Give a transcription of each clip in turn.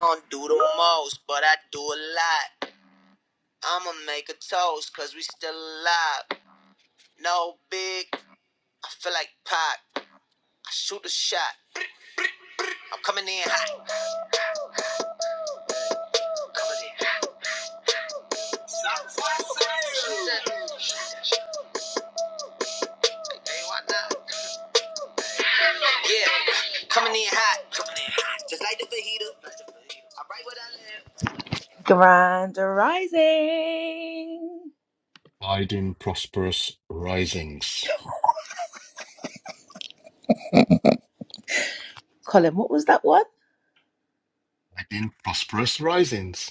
I don't do the most, but I do a lot. I'ma make a toast, cause we still alive. No big, I feel like pop. I shoot a shot. I'm coming in hot. I'm Coming in hot. Hey, Yeah, coming in hot. Coming in hot. Just like the fajita. I write what I live. Grand Rising. Tide prosperous risings. Colin, what was that one? Tide prosperous risings.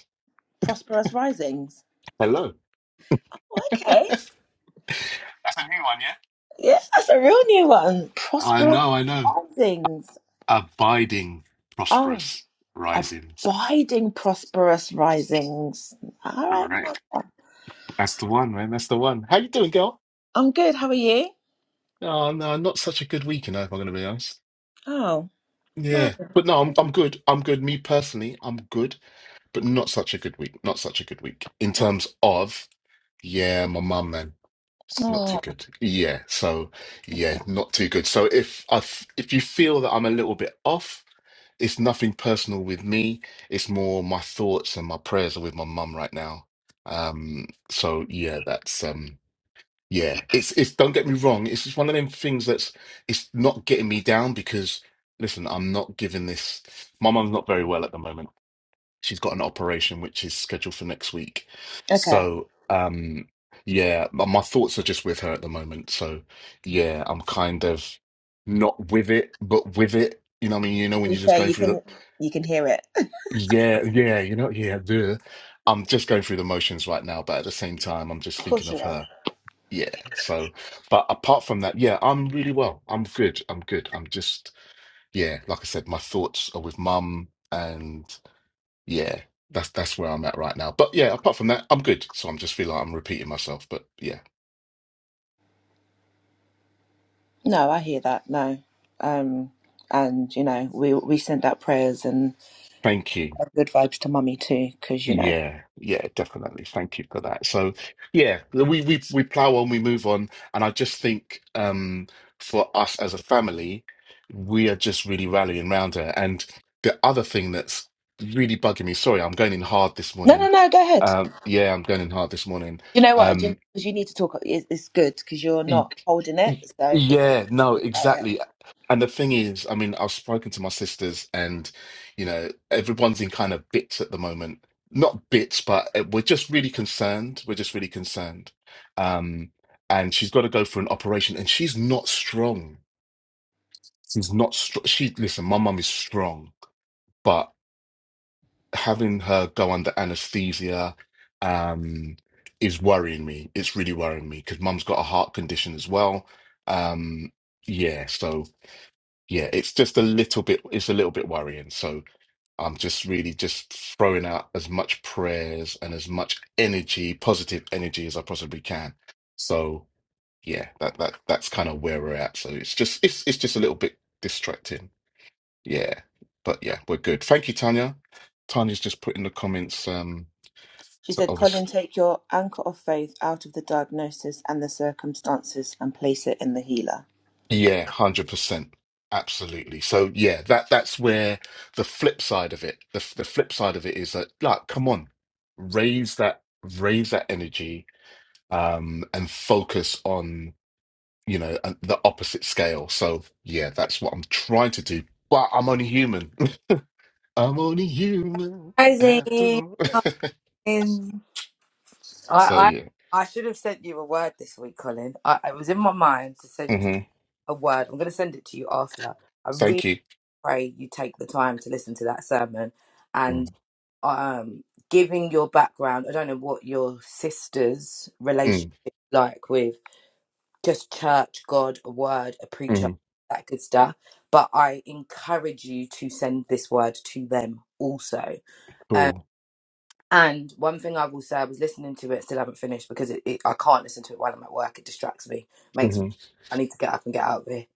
Prosperous Risings. Hello. Okay. That's a new one, yeah? Yeah, that's a real new one. I Prosperous know, I know. risings. Abiding Oh, prosperous risings. abiding prosperous risings. All Correct. right. That's the one, man. That's the one. How you doing, girl? I'm good. How are you? Oh no, not such a good weekend, if I'm gonna be honest. Oh, wow. Yeah. But no, I'm I'm good. I'm good. Me personally, I'm good, but not such a good week. Not such a good week. In terms of, yeah, my mum, man. It's not too Oh, good. Yeah. So yeah, not too good. So if I f- if you feel that I'm a little bit off, it's nothing personal with me. It's more my thoughts and my prayers are with my mum right now. Um. So yeah, that's um. Yeah. It's it's. Don't get me wrong. It's just one of them things that's. It's not getting me down because listen, I'm not giving this. My mum's not very well at the moment she's got an operation which is scheduled for next week. okay. So, um, yeah, my, my thoughts are just with her at the moment. So, yeah, I'm kind of not with it, but with it. You know what I mean? You know, when To you're be just fair, going you through the, can you can hear it. yeah, yeah, you know, yeah, duh. I'm just going through the motions right now, but at the same time, I'm just Of thinking course you of are. her. Yeah. So, but apart from that, yeah, I'm really well. I'm good. I'm good. I'm just, yeah, like I said, my thoughts are with mum and yeah, that's that's where I'm at right now. But yeah, apart from that, I'm good. So I'm just feel like I'm repeating myself. But yeah, No, I hear that. No. Um, and you know, we we send out prayers and thank you. good vibes to mummy too, because you know. Yeah, yeah, definitely. Thank you for that. So yeah, we we we plow on, we move on, and I just think um for us as a family, we are just really rallying round her. And the other thing that's really bugging me, sorry, I'm going in hard this No, morning. no, no. Go ahead. Um, yeah, I'm going in hard this morning. You know what? Um, Because you need to talk. It's, it's good because you're Y- not holding it, y- so it's good Yeah, to no, talk about it. exactly. And the thing is, I mean, I've spoken to my sisters, and you know, everyone's in kind of bits at the moment. Not bits, but uh, we're just really concerned. We're just really concerned. Um, and she's got to go for an operation, and she's not strong. She's not strong. She listen, my mum is strong, having her go under anesthesia um, is worrying me. It's really worrying me because mum's got a heart condition as well. Um, yeah, so yeah, it's just a little bit, it's a little bit worrying. So I'm just really just throwing out as much prayers and as much energy, positive energy as I possibly can. So yeah, that that that's kind of where we're at. So it's just it's it's just a little bit distracting. Yeah, but yeah, we're good. Thank you, Tanya. Tanya's just put in the comments um She to said, "Colin, others. take your anchor of faith out of the diagnosis and the circumstances, and place it in the healer." Yeah, 100%. Absolutely. So yeah, that that's where the flip side of it, the the flip side of it is that like come on, raise that raise that energy um and focus on, you know, uh, the opposite scale. So yeah, that's what I'm trying to do. But I'm only human. I'm only human after Rosie, all. Colin. I, So I yeah. I should have sent you a word this week, Colin. I, it was in my mind to send you hmm a word. I'm going to send it to you after. I really Thank you. pray you take the time to listen to that sermon and Mm, um, giving your background. I don't know what your sister's relationship mm, is like with just church, God, a word, a preacher, mm, that good stuff. But I encourage you to send this word to them also Um, cool. And one thing I will say, I was listening to it, still haven't finished because it, it, I can't listen to it while I'm at work. It distracts me, makes me, hmm I need to get up and get out of here.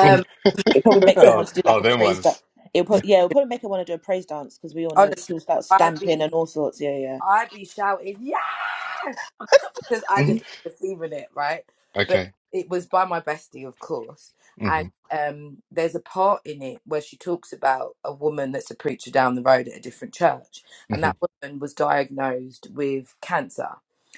It probably makes them oh, want to do like oh, a them praise dance. ones. It pro- yeah, it'll probably make her want to do a praise dance because we all know honestly, she'll start I'd stamping and be, all sorts. Yeah, yeah. I'd be shouting yes because I Mhm. just receiving it right. But Okay. it was by my bestie, of course, and hmm um, there's a part in it where she talks about a woman that's a preacher down the road at a different church, hmm and that woman was diagnosed with cancer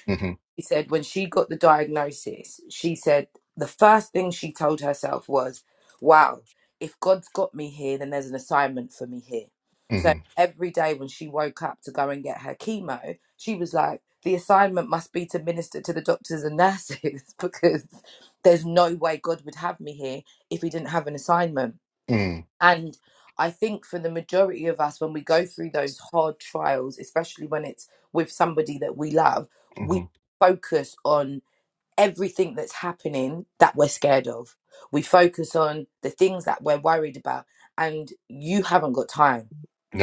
hmm She said when she got the diagnosis, she said the first thing she told herself was, Wow, if God's got me here, then there's an assignment for me here. So hmm every day when she woke up to go and get her chemo, she was like, The assignment must be to minister to the doctors and nurses because there's no way God would have me here if he didn't have an assignment. mm And I think for the majority of us, when we go through those hard trials, especially when it's with somebody that we love, we hmm focus on everything that's happening that we're scared of. We focus on the things that we're worried about. And you haven't got time.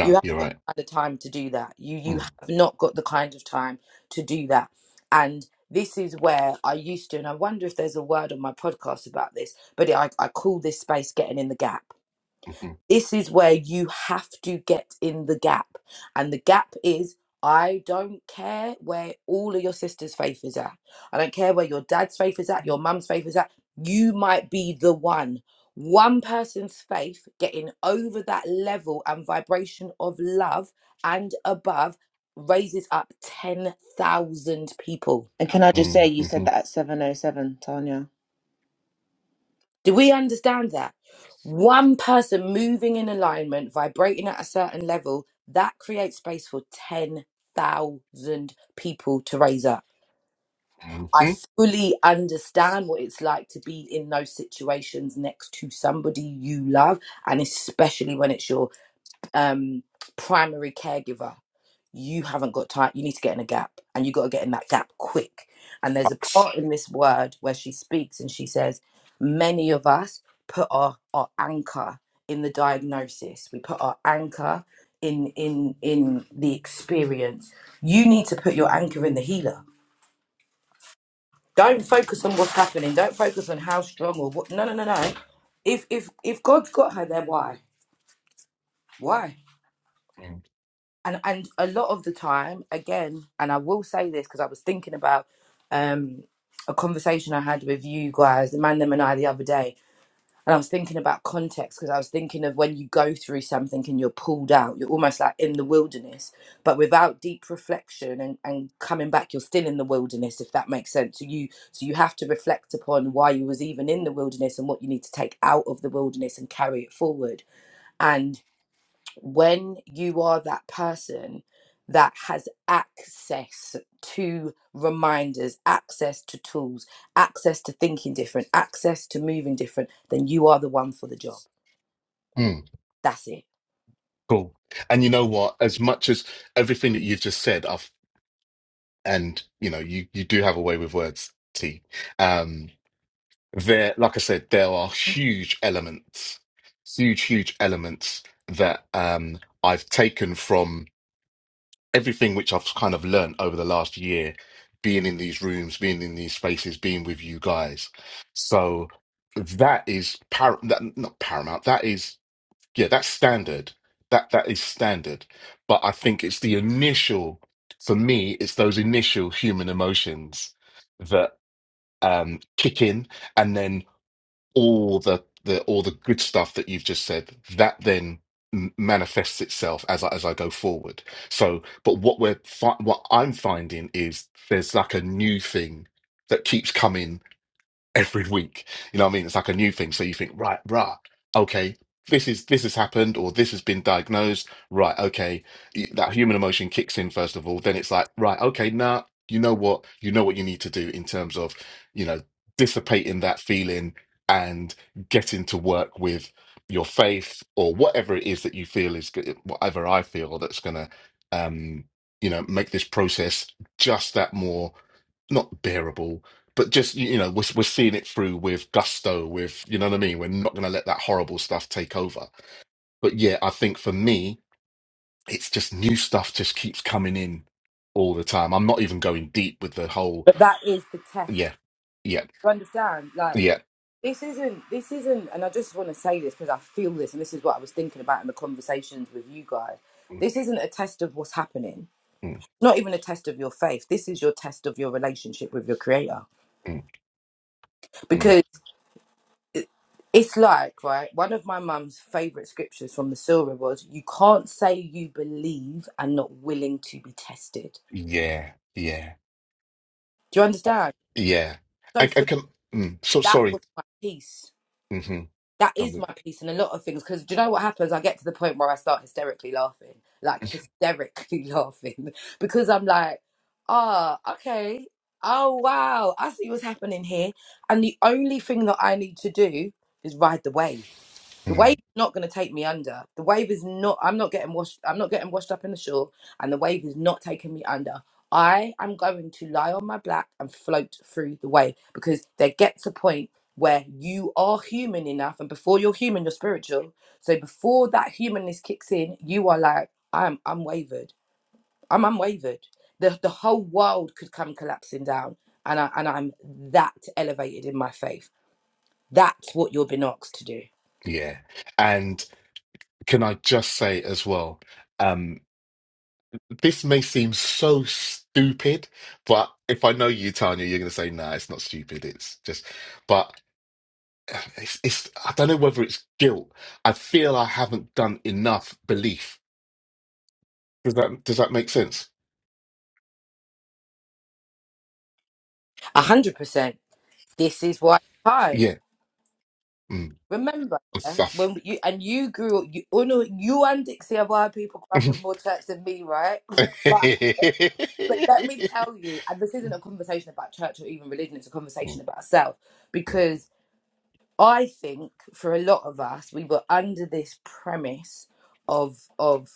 You haven't you're got right. the time to do that. You you have not got the kind of time to do that. And this is where I used to, and I wonder if there's a word on my podcast about this, but I, I call this space getting in the gap Mm-hmm. this is where you have to get in the gap. And the gap is I don't care where all of your sister's faith is at. I don't care where your dad's faith is at, your mum's faith is at. You might be the one. One person's faith getting over that level and vibration of love and above raises up 10,000 people And can I just say, you said Mm-hmm. that at seven oh seven, Tanya. Do we understand that? One person moving in alignment, vibrating at a certain level, that creates space for 10,000 people to raise up. hmm I hmm fully understand what it's like to be in those situations next to somebody you love, and especially when it's your um, primary caregiver you haven't got time you need to get in a gap and you got to get in that gap quick and there's a Bucks. part in this word where she speaks and she says many of us put our, our anchor in the diagnosis we put our anchor in in in the experience you need to put your anchor in the healer don't focus on what's happening don't focus on how strong or what no no no no if if if god's got her there why why mm and and a lot of the time again and i will say this because i was thinking about um a conversation i had with you guys the man them and i the other day and i was thinking about context because i was thinking of when you go through something and you're pulled out you're almost like in the wilderness but without deep reflection and, and coming back you're still in the wilderness if that makes sense so you so you have to reflect upon why you was even in the wilderness and what you need to take out of the wilderness and carry it forward when you are that person that has access to reminders, access to tools, access to thinking different, access to moving different, then you are the one for the job. Mm. That's it. Cool. And you know what? As much as everything that you've just said, I've, and you know, you you do have a way with words, T. Um, there, like I said, there are huge elements, huge, huge elements that um, I've taken from everything which I've kind of learned over the last year, being in these rooms, being in these spaces, being with you guys. So that is par- that, not paramount. That is yeah, that's standard. That that is standard. But I think it's the initial for me. It's those initial human emotions that um, kick in, and then all the the all the good stuff that you've just said that then m- manifests itself as I, as I go forward. So, but what we're fi- what I'm finding is there's like a new thing that keeps coming every week. You know what I mean? It's like a new thing. So you think, right, rah, okay, this is this has happened or this has been diagnosed. Right, okay. Y- That human emotion kicks in first of all. Then it's like, right, okay, nah, you know what? You know what you need to do in terms of, you know, dissipating that feeling and getting to work with your faith or whatever it is that you feel is g- whatever I feel that's gonna um you know make this process just that more not bearable but just you know we're, we're seeing it through with gusto with you know what i mean we're not going to let that horrible stuff take over but yeah i think for me it's just new stuff just keeps coming in all the time i'm not even going deep with the whole But that is the test. yeah yeah You understand? Like yeah this isn't this isn't and I just want to say this because I feel this and this is what I was thinking about in the conversations with you guys. mm, This isn't a test of what's happening. mm, Not even a test of your faith. This is your test of your relationship with your creator. mm, mm, because. It's like, right, one of my mum's favourite scriptures from the Surah was, You can't say you believe and not willing to be tested. yeah yeah Do you uh, understand? yeah i, So I for can mm, so that sorry was my peace. hmm That i'm is with my peace in a lot of things. Because do you know what happens? I get to the point where I start hysterically laughing, like hysterically laughing, because I'm like, ah, okay. Oh, wow. I see what's happening here. And the only thing that I need to do is ride the wave The mm, wave's not going to take me under. The wave is not. I'm not getting washed. I'm not getting washed up in the shore, and the wave is not taking me under. I am going to lie on my back and float through the wave because there gets a point where you are human enough, and before you're human, you're spiritual. So before that humanness kicks in, you are like, I'm unwavered. I'm unwavered. The the whole world could come collapsing down, and I and I'm that elevated in my faith. That's what you're being asked to do. yeah and can i just say as well um This may seem so stupid, but if I know you, Tanya, you're going to say, "Nah, it's not stupid. It's just..." But uh, it's, it's. I don't know whether it's guilt. I feel I haven't done enough belief. Does that Does that make sense? A Hello. hundred percent This is why time. Yeah. Mm. Remember eh, Stuff. when you and you grew up. You, oh no, you and Dixie are why people grew up in more church than me, right? But but let me tell you, and this isn't a conversation about church or even religion. It's a conversation about self because I think for a lot of us, we were under this premise of of.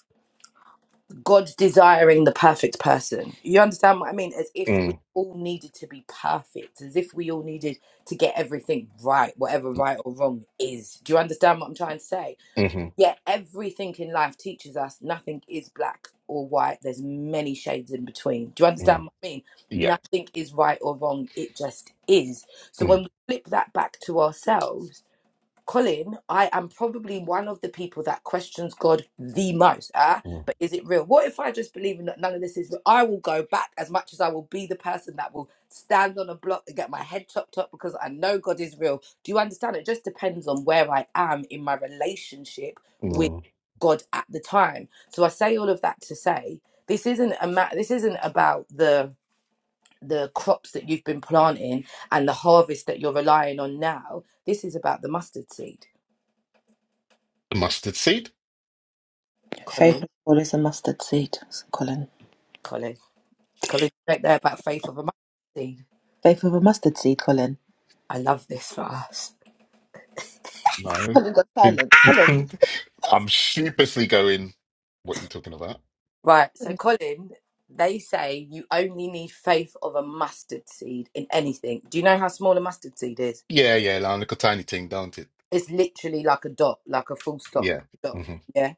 God desiring the perfect person. You understand what I mean? As if we Mm, all needed to be perfect, as if we all needed to get everything right, whatever mm, mm, mm, right or wrong is. Do you understand what I'm trying to say? mhm, Yet everything in life teaches us nothing is black or white. There's many shades in between. Do you understand mm. what I mean? Yeah. Nothing is right or wrong. It just is. So when Mm, we flip that back to ourselves, Colin, I am probably one of the people that questions God the most. Ah, mm, but is it real? What if I just believe in that none of this is real? I will go back as much as I will be the person that will stand on a block and get my head chopped up because I know God is real. Do you understand? It just depends on where I am in my relationship with mm. God at the time. So I say all of that to say this isn't a ma- this isn't about the the crops that you've been planting and the harvest that you're relying on now. This is about the mustard seed Mustard seed? Colin, Faith of all is a mustard seed, Colin. Colin, Colin, you don't know about faith of a mustard seed. Faith of a mustard seed, Colin. I love this for us. No. Colin got silent. Colin. I'm sheepishly going, what are you talking about? Right, so Colin, they say you only need faith of a mustard seed in anything. Do you know how small a mustard seed is? Yeah, yeah, like a little tiny thing, don't it? It's literally like a dot, like a full stop Yeah. dot. hmm Yeah,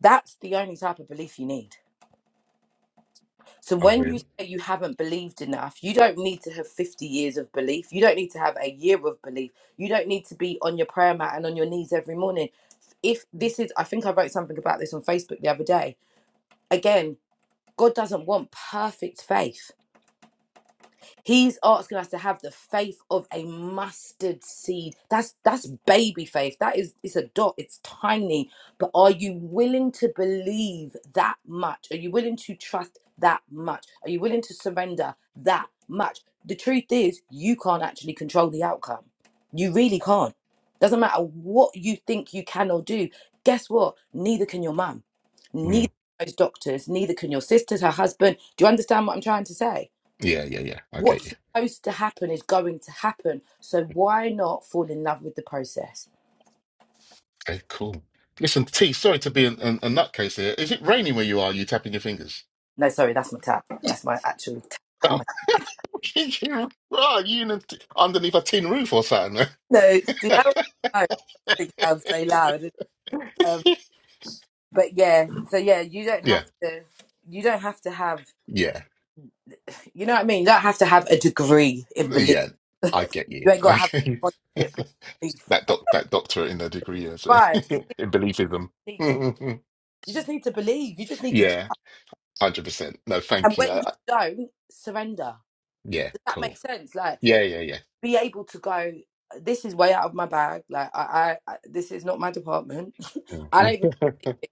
that's the only type of belief you need. So Oh, when you really? say you haven't believed enough, you don't need to have 50 years of belief. You don't need to have a year of belief. You don't need to be on your prayer mat and on your knees every morning. If this is, I think I wrote something about this on Facebook the other day. Again, God doesn't want perfect faith. He's asking us to have the faith of a mustard seed. That's that's baby faith. That is it's a dot. It's tiny. But are you willing to believe that much? Are you willing to trust that much? Are you willing to surrender that much? The truth is, you can't actually control the outcome. You really can't. Doesn't matter what you think you can or do. Guess what? Neither can your mum. Neither Mm. can those doctors. Neither can your sisters, her husband. Do you understand what I'm trying to say? Yeah, yeah, yeah. I get what's you. supposed to happen is going to happen. So why not fall in love with the process? Okay, cool. Listen, T, sorry to be an, an, a nutcase here. Is it raining where you are? You tapping your fingers? No, sorry, that's my tap. That's my actual Oh, tap. you are you in a t underneath a tin roof or something? No, do you know what I think it sounds so loud? Um, but yeah, so yeah, you don't have Yeah, to. You don't have to have. yeah, You know what I mean? You don't have to have a degree in belief. yeah. I get you. You ain't got to I have get you. a scholarship in belief. That doc, that doctorate in the degree is Right? You just in beliefism. need to. You just need to believe. You just need to. tr- Yeah, hundred percent. No, And thank you. when I, you I, don't surrender, yeah, does that make cool. sense? Like. Yeah, yeah, yeah. be able to go this is way out of my bag like i i, I this is not my department i don't Mm. even,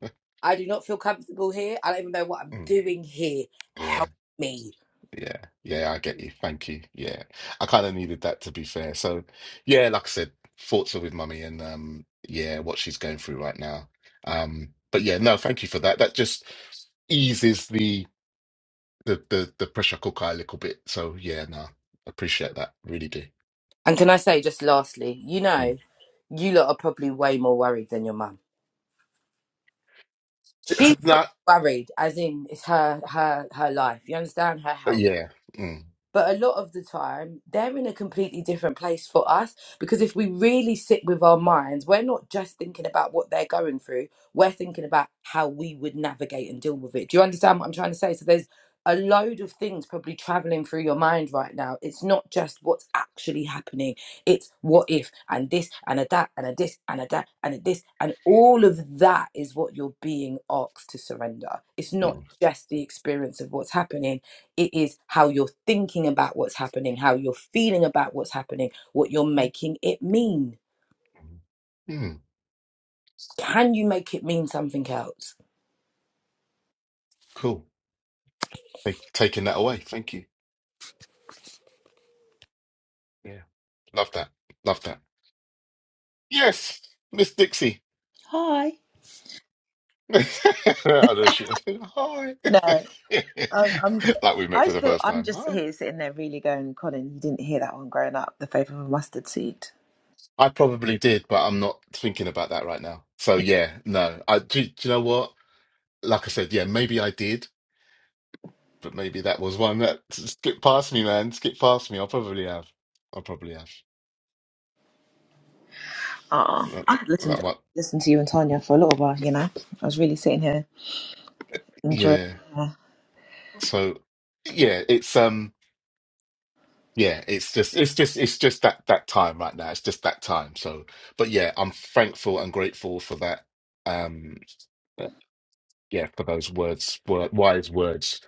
i do not feel comfortable here i don't even know what i'm Mm. doing here Yeah, help me yeah, yeah, I get you. Thank you. Yeah. I kind of needed that to be fair. So, yeah, like I said, thoughts are with mummy and um yeah, what she's going through right now. Um but yeah, no, thank you for that. That just eases the the the, the pressure cooker a little bit. So, yeah, no. Appreciate that. Really do. and can i say just lastly you Mm. know you lot are probably way more worried than your mum she's That probably worried as in it's her her her life you understand her uh, health yeah. Mm, But a lot of the time, they're in a completely different place for us because if we really sit with our minds, we're not just thinking about what they're going through, we're thinking about how we would navigate and deal with it. Do you understand what I'm trying to say? So there's a load of things probably traveling through your mind right now. It's not just what's actually happening, it's what if and this and a that and a this and a that and a this. And all of that is what you're being asked to surrender. It's not mm, just the experience of what's happening it is how you're thinking about what's happening, how you're feeling about what's happening, what you're making it mean. mm. Mm, Can you make it mean something else? Cool. Take, taking that away. Thank you. Yeah. Love that. Love that. Yes, Miss Dixie. Hi. I know she. I said, Hi. No, I, I'm. like we met I for the still. first I'm time. just Hi. here sitting there, really going, Colin. You didn't hear that one growing up. The faith of a mustard seed. I probably did, but I'm not thinking about that right now. So yeah, no. I do, do you know what? Like I said, yeah, maybe I did, but maybe that was one that skipped past me, man. Skip past me. I probably have. I probably have. Ah, That, I could listen to that one. listen to you and Tanya for a little while. You know, I was really sitting here enjoying. Yeah. uh, So yeah, it's um. Yeah, it's just it's just it's just that that time right now. It's just that time. So, but yeah, I'm thankful and grateful for that. Um, uh, yeah, for those words, word, wise words.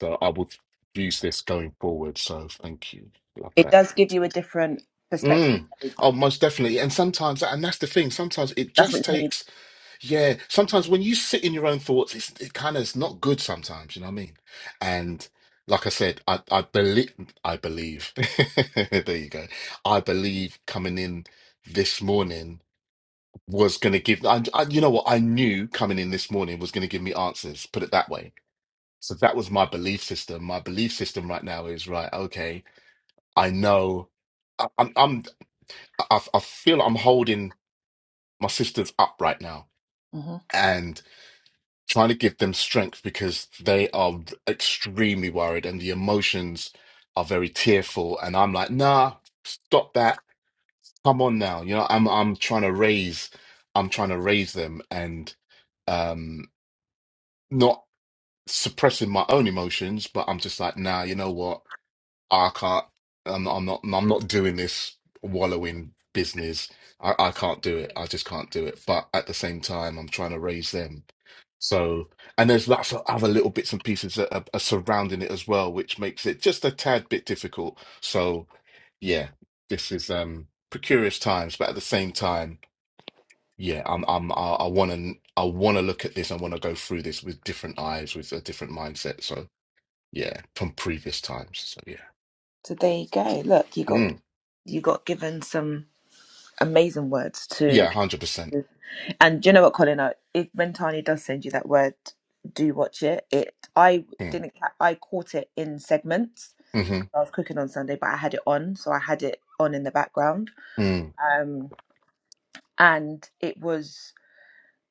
So I will use this going forward. So thank you. Love It that. does give you a different perspective. Mm. Oh, most definitely. And sometimes, and that's the thing. Sometimes it That's just what you need. takes. Yeah, sometimes when you sit in your own thoughts, it's it kind of it's not good sometimes, you know what I mean? And like I said, I I believe I believe there you go. I believe coming in this morning was going to give I, I you know what I knew coming in this morning was going to give me answers, put it that way. So that was my belief system. My belief system right now is right, okay, I know I, I'm I'm I, I feel I'm holding my sisters up right now. hmm trying to give them strength because they are extremely worried and the emotions are very tearful. And I'm like, nah, stop that. Come on now. You know, I'm I'm trying to raise, I'm trying to raise them and um not suppressing my own emotions, but I'm just like, nah, you know what? I can't. I'm, I'm not. I'm not doing this wallowing business. I, I can't do it. I just can't do it. But at the same time, I'm trying to raise them. So, and there's lots of other little bits and pieces that are, are surrounding it as well, which makes it just a tad bit difficult. So, yeah, this is um precarious times, but at the same time, yeah, I'm I'm I, I want to I want to look at this. I want to go through this with different eyes, with a different mindset. So, yeah, from previous times. So, yeah. So there you go. Look, you Mm. got you got given some amazing words to, Yeah, hundred percent. to and do you know what, Colin? I- If when Tani does send you that word, do watch it. It I Mm, didn't ca- I caught it in segments. hmm I was cooking on Sunday, but I had it on, so I had it on in the background. mm, Um, and it was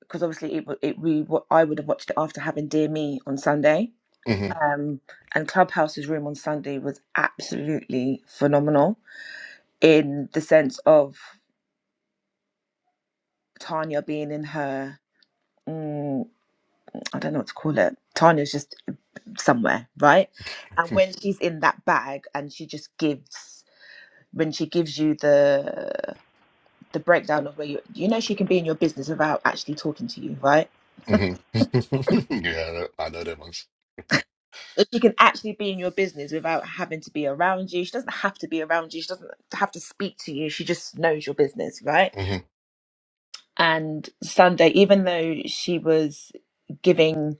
because obviously it it we I would have watched it after having Dear Me on Sunday. hmm Um, and Clubhouse's room on Sunday was absolutely phenomenal in the sense of Tanya being in her. Mm, I don't know what to call it. Tanya's just somewhere, right? And when she's in that bag and she just gives, when she gives you the the breakdown of where you you know she can be in your business without actually talking to you, right? hmm yeah, I know them ones. She can actually be in your business without having to be around you. She doesn't have to be around you. She doesn't have to speak to you. She just knows your business, right? hmm And Sunday, even though she was giving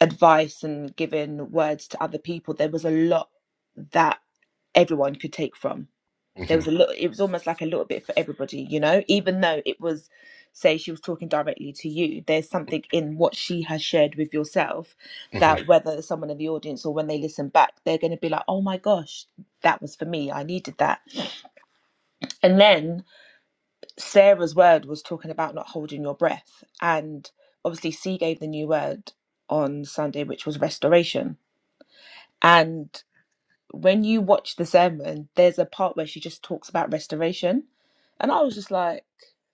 advice and giving words to other people, there was a lot that everyone could take from there hmm was a little it was almost like a little bit for everybody you know even though it was say she was talking directly to you there's something in what she has shared with yourself hmm that whether someone in the audience or when they listen back they're going to be like oh my gosh that was for me i needed that and then sarah's word was talking about not holding your breath and obviously c gave the new word on sunday which was restoration and when you watch the sermon there's a part where she just talks about restoration and i was just like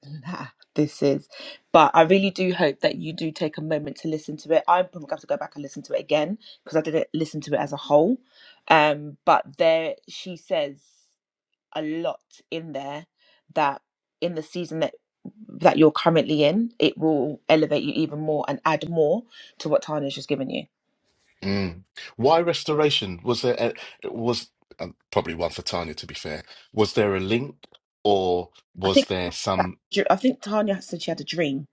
nah, this is. But I really do hope that you do take a moment to listen to it. I'm probably going to go back and listen to it again because I didn't listen to it as a whole. Um, but there, she says a lot in there that in the season that that you're currently in, it will elevate you even more and add more to what Tanya's just given you. Mm. Why restoration? Was there a, was uh, probably one for Tanya to be fair. Was there a link, or I was think there some? I think Tanya said she had a dream.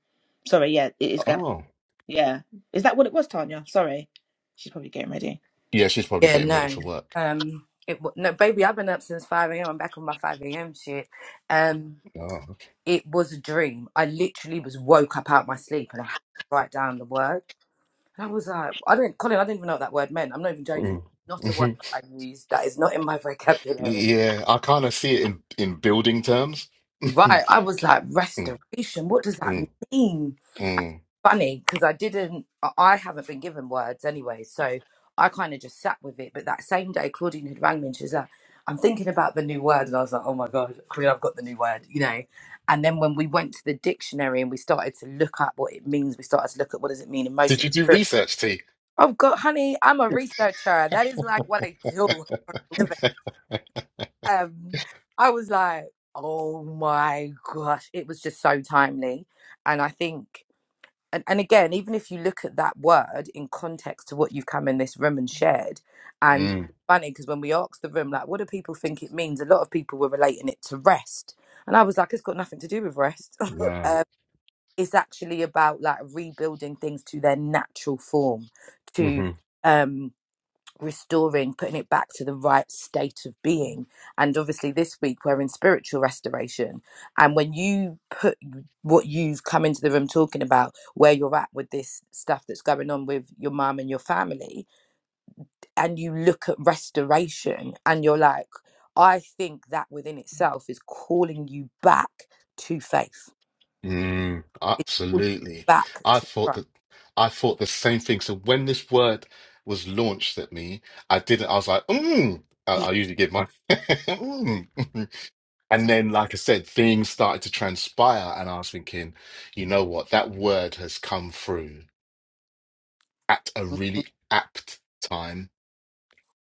Sorry, yeah, it is going. Oh, Yeah, is that what it was, Tanya? Sorry, she's probably getting ready. yeah, she's probably Yeah, getting ready no. for work. Um, it wa- no, baby, I've been up since five a.m. I'm back on my five a.m. shit. Um, Oh, it was a dream. I literally was woke up out my sleep and I had to write down the word. And I was like, I do not Colin, I didn't even know what that word meant. I'm not even joking. okay. Not a word mm-hmm. I use that is not in my vocabulary. Yeah, I kind of see it in in building terms. mm, Right? I was like, restoration. What does that mm, mean? mm. funny because I didn't, I I haven't been given words anyway. So I kind of just sat with it. But that same day, Claudine had rang me and she was like, I'm thinking about the new word. And I was like, oh my God, Queen, I've got the new word, you know. And then when we went to the dictionary and we started to look at what it means, we started to look at what does it mean, Did emotion. you do spirit. research, T? I've got, honey, I'm a researcher. That is like what I do for a living. Um, I was like, oh my gosh, it was just so timely. And I think and, and again, even if you look at that word in context to what you've come in this room and shared, and it's Mm. funny because when we asked the room, like, what do people think it means? A lot of people were relating it to rest. And I was like, it's got nothing to do with rest. No. um, it's actually about like rebuilding things to their natural form, to hmm um, restoring, putting it back to the right state of being. And obviously, this week we're in spiritual restoration. And when you put what you've come into the room talking about, where you're at with this stuff that's going on with your mum and your family, and you look at restoration and you're like, I think that within itself is calling you back to faith. Mm, It's calling you absolutely. back I to thought Christ. that I thought the same thing. So when this word was launched at me, I didn't. I was like, mm. I, I usually give my mm. And then, like I said, things started to transpire, and I was thinking, you know what? That word has come through at a Mhm. really apt time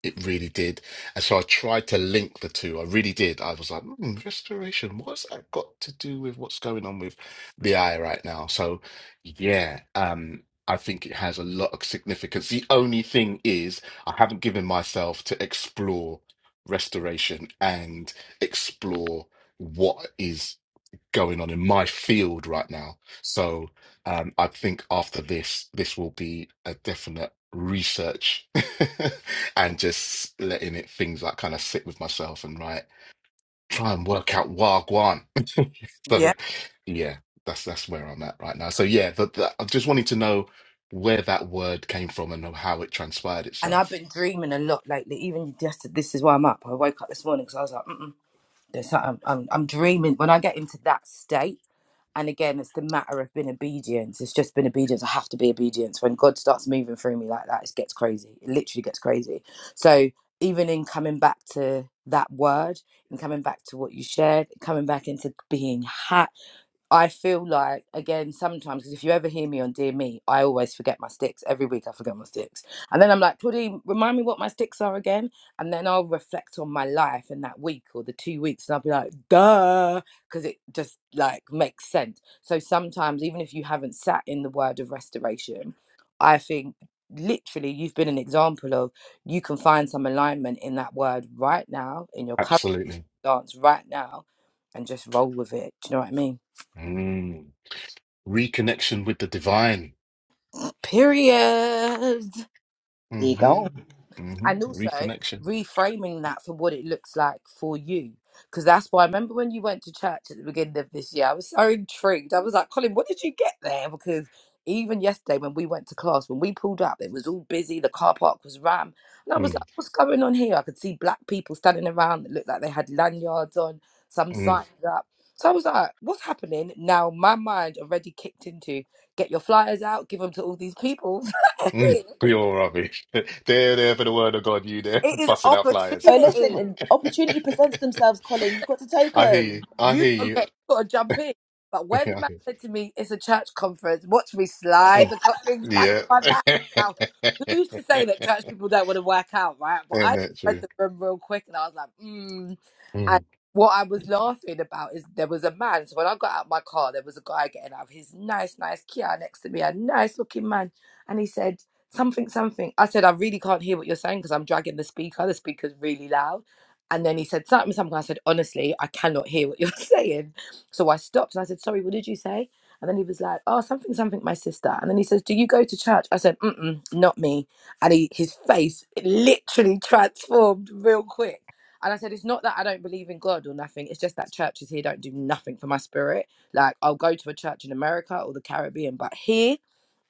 It really did. And so I tried to link the two. I really did. I was like, hmm, restoration, what's that got to do with what's going on with the eye right now? So yeah, um, I think it has a lot of significance. The only thing is I haven't given myself to explore restoration and explore what is going on in my field right now. So um, I think after this, this will be a definite research and just letting it things like kind of sit with myself and right try and work out wagwan. so Yeah. yeah, that's that's where I'm at right now. So yeah, but that, I just wanted to know where that word came from and how it transpired And I've itself. been dreaming a lot lately. Even just this is why I'm up. I woke up this morning because I was like, Mm-mm. That's how I'm, I'm, dreaming. When I get into that state, and again, it's the matter of being obedience. It's just been obedience. I have to be obedience. When God starts moving through me like that, it gets crazy. It literally gets crazy. So even in coming back to that word and coming back to what you shared, coming back into being ha- I feel like again sometimes because if you ever hear me on Dear Me, I always forget my sticks. Every week I forget my sticks, and then I'm like, Claudine, remind me what my sticks are again. And then I'll reflect on my life in that week or the two weeks, and I'll be like, duh, because it just like makes sense. So sometimes even if you haven't sat in the word of restoration, I think literally you've been an example of you can find some alignment in that word right now in your current Absolutely. dance right now, and just roll with it. Do you know what I mean? Mm. Reconnection with the divine. Period. hmm hmm And also Reconnection. reframing that for what it looks like for you. Because that's why I remember when you went to church at the beginning of this year, I was so intrigued. I was like, Colin, what did you get there? Because even yesterday when we went to class, when we pulled up, it was all busy. The car park was ram. And I was like, Mm. what's going on here? I could see black people standing around that looked like they had lanyards on, some Mm. signs up. So I was like, what's happening? Now my mind already kicked into get your flyers out, give them to all these people. Mm, Pure rubbish. They're there for the word of God, you there It is busting out flyers. Oh, listen, opportunity. and opportunity presents themselves, Colin. You've got to take I hear you. them. I You hear gotta you. get, you gotta jump in. But I when the hear man you. said to me, "It's a church conference," watch me slide Mm, the cut things back Yeah. in my back. Now, who's to say that church people don't want to work out, right? But Isn't I that read true? the room real quick, and I was like, "Mm." And Mm, what I was laughing about is there was a man. So when I got out of my car, there was a guy getting out of his nice, nice Kia next to me, a nice looking man, and he said something, something. I said, "I really can't hear what you're saying because I'm dragging the speaker. The speaker's really loud." And then he said something, something. I said, honestly, I cannot hear what you're saying. So I stopped and I said, sorry, what did you say? And then he was like, oh, something, something, my sister. And then he says, do you go to church? I said, mm-mm, not me. And he, his face literally transformed real quick. And I said, it's not that I don't believe in God or nothing. It's just that churches here don't do nothing for my spirit. Like, I'll go to a church in America or the Caribbean, but here,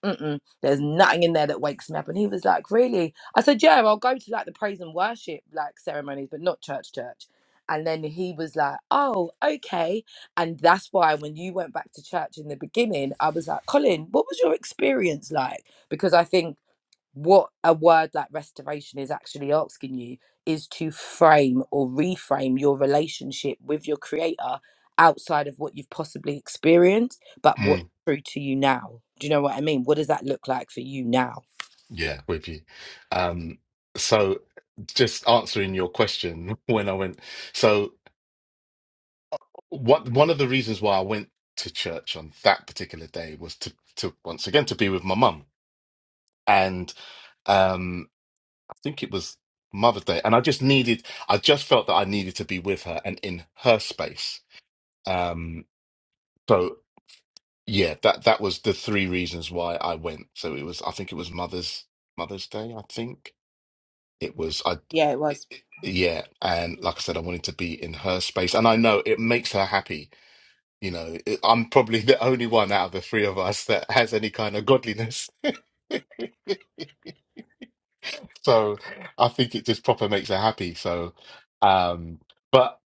Mm-mm, there's nothing in there that wakes me up. And he was like, really? I said, yeah, I'll go to like the praise and worship like ceremonies, but not church, church. And then he was like, oh, okay. And that's why when you went back to church in the beginning, I was like, Colin, what was your experience like? Because I think what a word like restoration is actually asking you is to frame or reframe your relationship with your creator outside of what you've possibly experienced, but what's mm, true to you now. Do you know what I mean? What does that look like for you now? yeah, with you. Um, so just answering your question when I went, so what one of the reasons why I went to church on that particular day was to to once again to be with my mum. And um, think it was Mother's Day, and I just needed, I just felt that I needed to be with her and in her space. Um, so yeah, that that was the three reasons why I went. So it was, I think it was Mother's Mother's Day. I think it was. I Yeah, it it, was. it- yeah, and like I said, I wanted to be in her space, and I know it makes her happy. You know, it, I'm probably the only one out of the three of us that has any kind of godliness. So I think it just proper makes her happy. So, um, but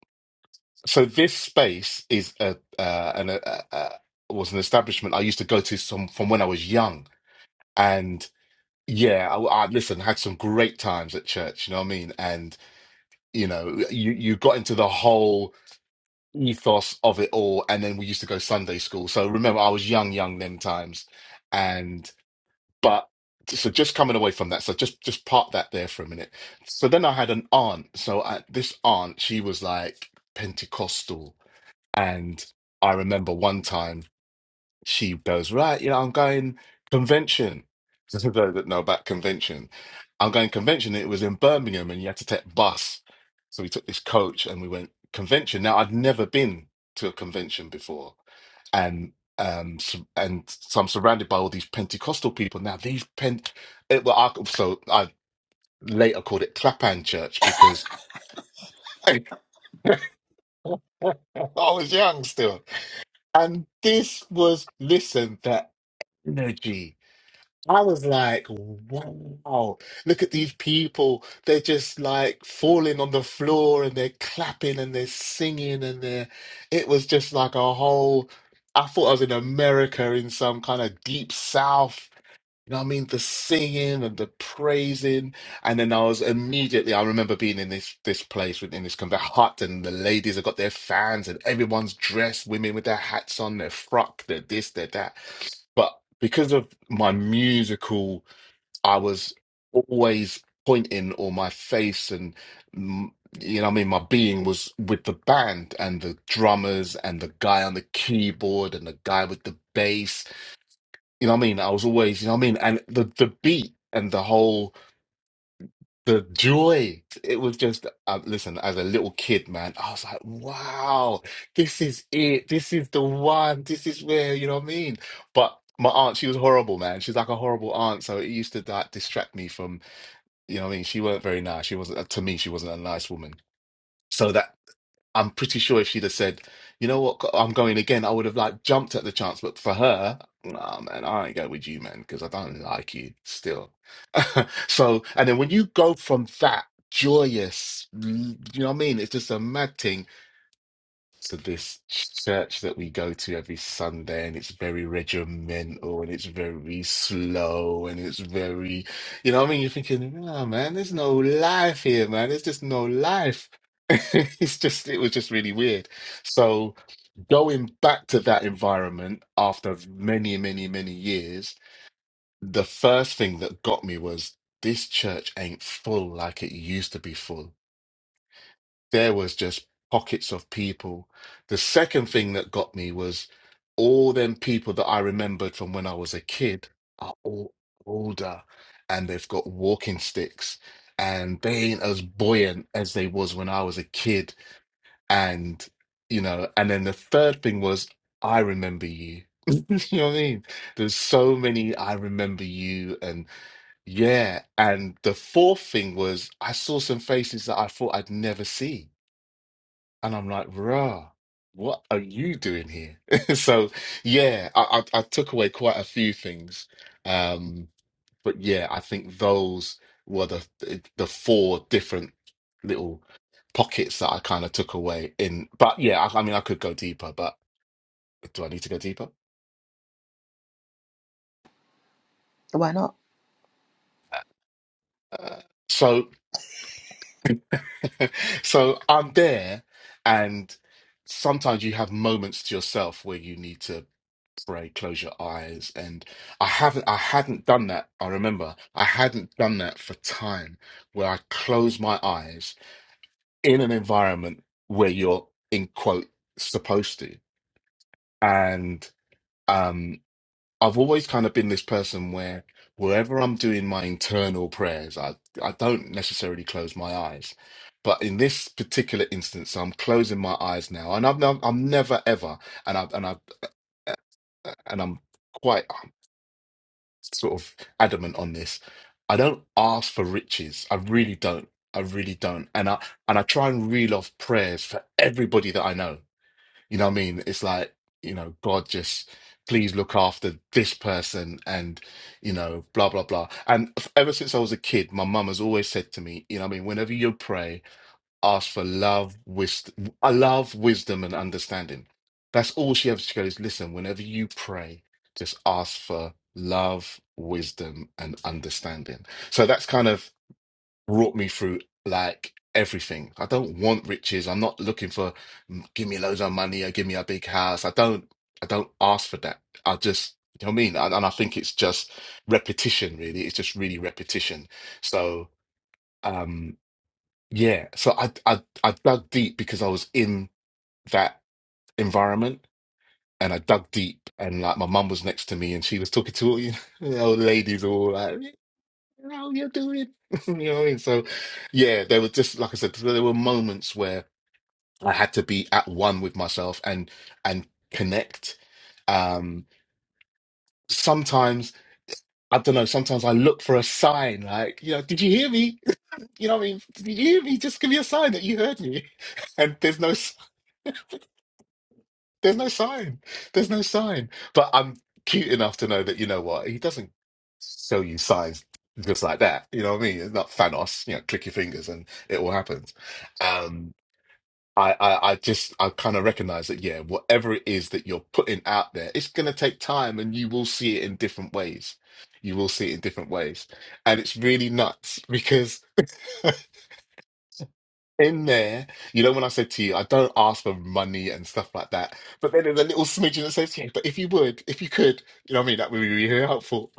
So this space is a uh, an a, a, a- was an establishment I used to go to some from when I was young, and yeah, I, I listen had some great times at church. You know what I mean? And you know, you you got into the whole ethos of it all, and then we used to go Sunday school. So remember, I was young, young them times, and but so just coming away from that. So just just park that there for a minute. So then I had an aunt. So I, this aunt, she was like Pentecostal and I remember one time she goes, Right, you know, I'm going convention. Because I don't know about convention. I'm going convention. It was in Birmingham and you had to take bus. So we took this coach and we went convention. Now I'd never been to a convention before. And um so, and so I'm surrounded by all these Pentecostal people. Now these Pent it, well, I, so I later called it Clapham Church because I was young still. And this was listen that. energy. I was like, wow, look at these people. They're just like falling on the floor and they're clapping and they're singing and they're, it was just like a whole, I thought I was in America in some kind of deep South you know what I mean? The singing and the praising. And then I was immediately, I remember being in this this place with- in this kind of hut and the ladies have got their fans and everyone's dressed, women with their hats on, their frock, their this, their that. But because of my musical, I was always pointing or my face and mm, you know what I mean, my being was with the band and the drummers and the guy on the keyboard and the guy with the bass you know what I mean? I was always, you know what I mean? And the the beat and the whole the joy, it was just uh, listen, as a little kid, man, I was like, wow, this is it. This is the one. This is where, you know what I mean? But my aunt, she was horrible, man. She's like a horrible aunt, so it used to like distract me from, you know what I mean? She weren't very nice. She wasn't to me, she wasn't a nice woman. So that I'm pretty sure if she'd have said, you know what, I'm going again, I would have like jumped at the chance. But for her, nah, man, I ain't going with you, man, because I don't like you still. So, and then when you go from that joyous, l- you know what I mean? It's just a mad thing to this church that we go to every Sunday, and it's very regimental and it's very slow and it's very, you know what I mean? You're thinking, oh man, there's no life here, man. There's just no life. It's just, it was just really weird. So going back to that environment after many, many, many years, the first thing that got me was this church ain't full like it used to be full there was just pockets of people. The second thing that got me was all them people that I remembered from when I was a kid are all older and they've got walking sticks and they ain't as buoyant as they was when I was a kid. And you know, and then the third thing was I remember you. you know what I mean? There's so many I remember you and yeah. And the fourth thing was I saw some faces that I thought I'd never see and I'm like, bruh, what are you doing here? So yeah, I, I I took away quite a few things. Um, but yeah, I think those were the the four different little pockets that I kind of took away in. But yeah, I, I mean, I could go deeper, but do I need to go deeper? Why not? Uh, so so I'm there, and sometimes you have moments to yourself where you need to pray, close your eyes. And I haven't, I hadn't done that. I remember I hadn't done that for time where I close my eyes in an environment where you're in quote supposed to. And um, I've always kind of been this person where wherever I'm doing my internal prayers, I I don't necessarily close my eyes. But in this particular instance, I'm closing my eyes now, and I'm I'm never ever, and I have and I and I'm quite. sort of adamant on this. I don't ask for riches. I really don't. I really don't. And I and I try and reel off prayers for everybody that I know. You know what I mean? It's like, you know, God just please look after this person and you know, blah blah blah. And f- ever since I was a kid, my mum has always said to me, you know what I mean, whenever you pray asked for love, wisdom, love, wisdom, and understanding. That's all she ever she goes. Listen, whenever you pray, just ask for love, wisdom, and understanding. So that's kind of brought me through like everything. I don't want riches. I'm not looking for "Mm, give me loads of money or give me a big house. I don't. I don't ask for that. I just. You know what I mean? And, and I think it's just repetition, really. It's just really repetition. So, um, yeah, so I I I dug deep because I was in that environment, and I dug deep, and like my mum was next to me, and she was talking to all you know, old ladies, all like, "How you doing?" You know what I mean? So, yeah, there were just like I said, there were moments where I had to be at one with myself and and connect. Um, sometimes I don't know. Sometimes I look for a sign, like you know, did you hear me? You know what I mean? Did you hear me? Just give me a sign that you heard me and there's no There's no sign. There's no sign. But I'm cute enough to know that you know what he doesn't show you signs just like that. You know what I mean? It's not Thanos. You know, click your fingers and it all happens. Um, I, I, I just I kind of recognize that yeah, whatever it is that you're putting out there, it's gonna take time, and you will see it in different ways. You will see it in different ways, and it's really nuts because. in there, you know, when I said to you, I don't ask for money and stuff like that, but then there's a little smidgen that says, yeah, but if you would, if you could, you know what I mean? That would be really helpful.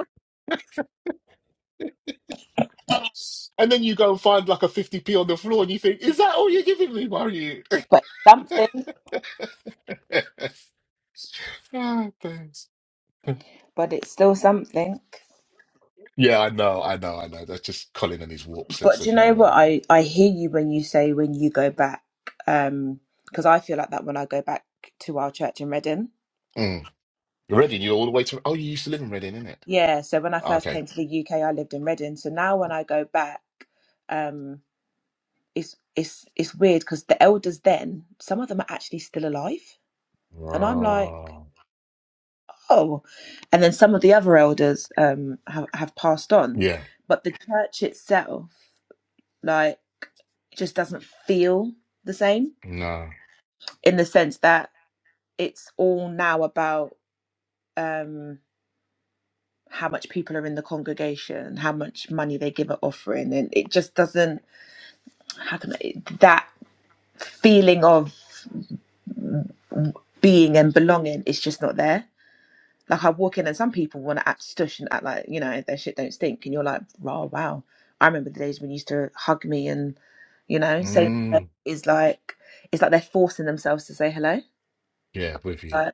And then you go and find like a 50p on the floor and you think, is that all you're giving me, Why are you? But something, Ah, thanks. but it's still something. Yeah, I know, I know, I know. That's just Colin and his warped sense But do of you know what? humour, I, I hear you when you say when you go back, Um, because I feel like that when I go back to our church in Reading. man. Mm. Reading, you're all the way to. Oh, you used to live in Reading, innit? Yeah, so when I first Okay. came to the UK, I lived in Reading. So now when I go back, um, it's it's it's weird because the elders then, some of them are actually still alive, and I'm like. Wow. oh and then some of the other elders um have, have passed on Yeah. but the church itself like just doesn't feel the same No. in the sense that it's all now about um how much people are in the congregation how much money they give at offering and it just doesn't how can I, that feeling of being and belonging is just not there Like I walk in and some people want to act stush and act like, you know, their shit don't stink. And you're like, oh, wow. I remember the days when you used to hug me and, you know, say Mm. is like, it's like they're forcing themselves to say hello. Yeah, with you. Like,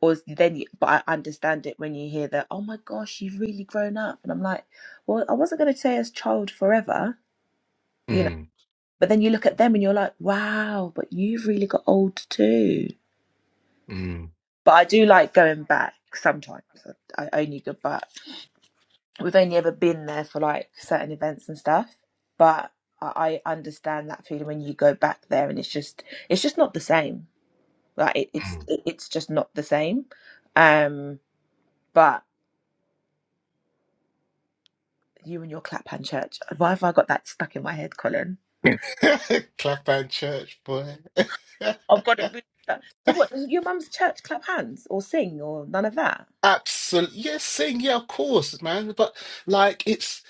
or then, you, but I understand it when you hear that, oh my gosh, you've really grown up. And I'm like, well, I wasn't going to say as child forever, you know, Mm. but then you look at them and you're like, wow, but you've really got old too. Mm. But I do like going back sometimes. I I only go back we've only ever been there for like certain events and stuff but i, I understand that feeling when you go back there and it's just it's just not the same like it, it's it, it's just not the same um but you and your clap hand church why have i got that stuck in my head colin Mm. Clap and church, boy. i've got it really stuck. so what does your mum's church clap hands or sing or none of that Absolutely. Yes, sing. Yeah, of course, man. But like, it's,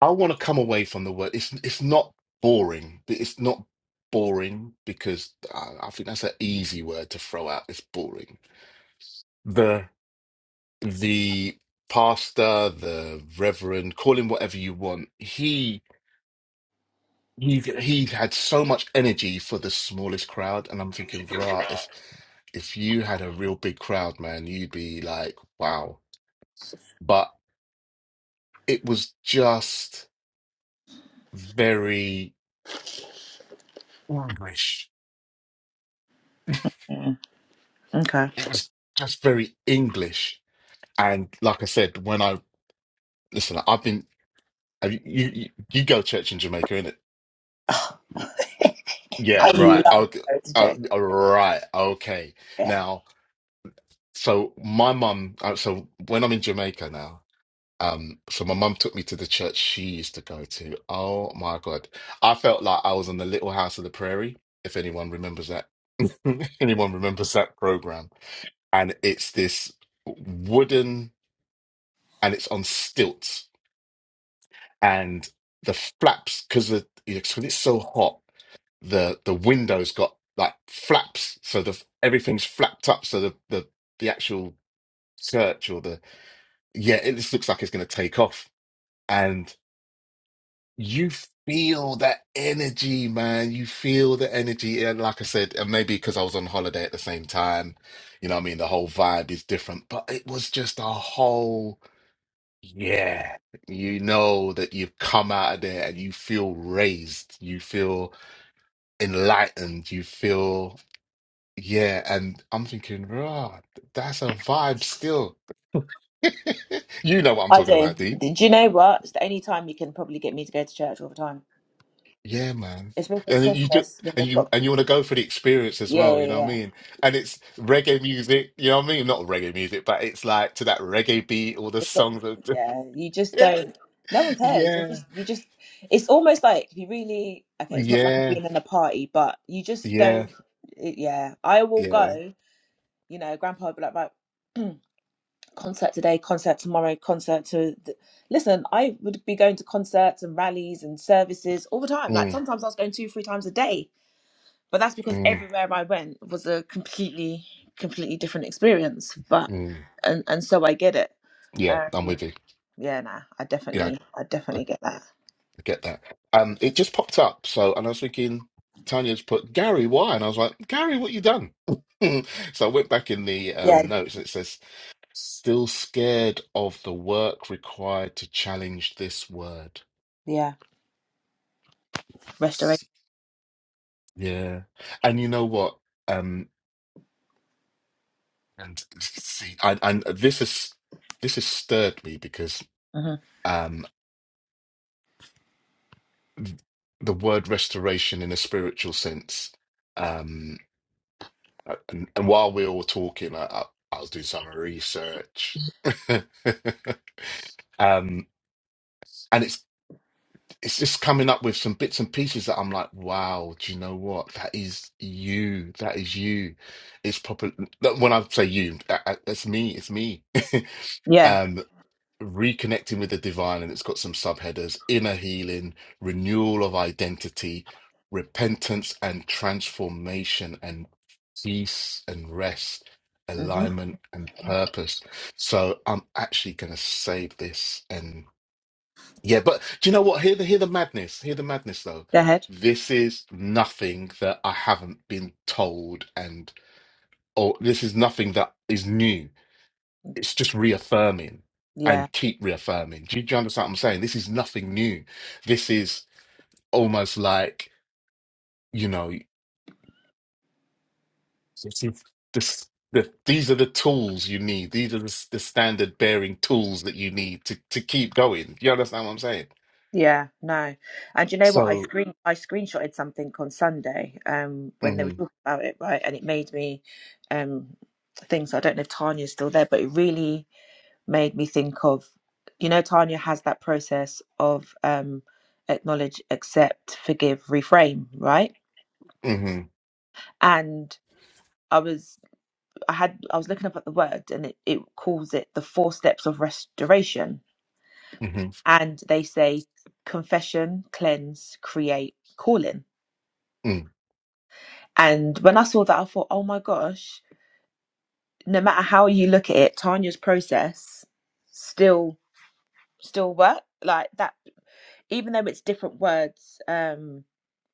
I want to come away from the word. It's, it's not boring. It's not boring because I, I think that's an easy word to throw out. It's boring. The, the pastor, the reverend, call him whatever you want. He. He he had so much energy for the smallest crowd, and I'm thinking, right, if if you had a real big crowd, man, you'd be like, wow. But it was just very English. Mm, okay It was just very English. And like I said, when I listen, I've been have you you, you go to church in Jamaica, innit? Yeah, i right. love okay, going to Oh, church uh, all right, okay. yeah Now, so my mum, uh, so when I'm in Jamaica now. Um, so my mum took me to the church she used to go to. Oh my God. I felt like I was in the Little House of the Prairie, if anyone remembers that. Anyone remembers that program. And it's this wooden and it's on stilts. And the flaps, because the because it's so hot, the the windows got like flaps. So the everything's flapped up. So the the, the actual church or the yeah, it just looks like it's gonna take off. and. You feel that energy, man. You feel the energy. And like I said, and maybe because I was on holiday at the same time, you know what I mean? The whole vibe is different, but it was just a whole, yeah. You know that you've come out of there and you feel raised. You feel enlightened. You feel, yeah. And I'm thinking, rah, that's a vibe still. You know what I'm i talking do about, D. do you know what it's the only time you can probably get me to go to church all the time Yeah, man. especially at And you just Christmas when and they've you got and you want to go for the experience as yeah well, yeah you know what I yeah mean? And it's reggae music, you know what I mean? Not reggae music, but it's like to that reggae beat, all the they've got songs of yeah you just yeah. don't no one cares you Yeah. just you just it's almost like you really okay it's not like I've Yeah. been in a party but you just Yeah. don't it, yeah I will Yeah. go you know grandpa would be like right concert today concert tomorrow concert to th- listen I would be going to concerts and rallies and services all the time like Mm, sometimes I was going two three times a day but that's because mm, everywhere I went was a completely completely different experience. But mm. and and so I get it. Yeah, I'm Um, with you. yeah, nah, I Yeah, definitely I I, I definitely get that. get that. Um, it just popped up, so and I was thinking Tanya's put Gary, why? And I was like, Gary, what you done? So I went back in the Yeah, um notes and it says still scared of the work required to challenge this word. yeah, restoration. Yeah. And you know what? Um, and see, and, and this is this has stirred me because hmm um, the word restoration in a spiritual sense. Um, uh, and, and while we were all talking, I, I, I was doing some research. Um, and it's it's just coming up with some bits and pieces that I'm like, wow, do you know what? That is you. That is you. It's proper. that- When I say you, I- I- that's me. It's me. Yeah, um, reconnecting with the divine, and it's got some subheaders: inner healing, renewal of identity, repentance and transformation, and peace and rest, hmm alignment and purpose. So I'm actually going to save this yeah, but do you know what? Hear the hear the madness. Hear the madness though. go ahead. This is nothing that I haven't been told and or this is nothing that is new. It's just reaffirming Yeah, and keep reaffirming. Do you, do you understand what I'm saying? This is nothing new. This is almost like, you know, this is this the, these are the tools you need. These are the, s- the standard bearing tools that you need to, to keep going. Do You understand what I'm saying? yeah, no. And you know what? I So, screen I screenshotted something on Sunday um when they were mm-hmm, talking about it, right? And it made me um things. I don't know if Tanya's still there, but it really made me think of you know tanya has that process of um acknowledge accept forgive reframe right mm-hmm, and i was i had i was looking up at the word and it, it calls it the four steps of restoration mm-hmm, and they say confession cleanse create calling mm-hmm. and when i saw that i thought oh my gosh no matter how you look at it tanya's process still still work like that even though it's different words um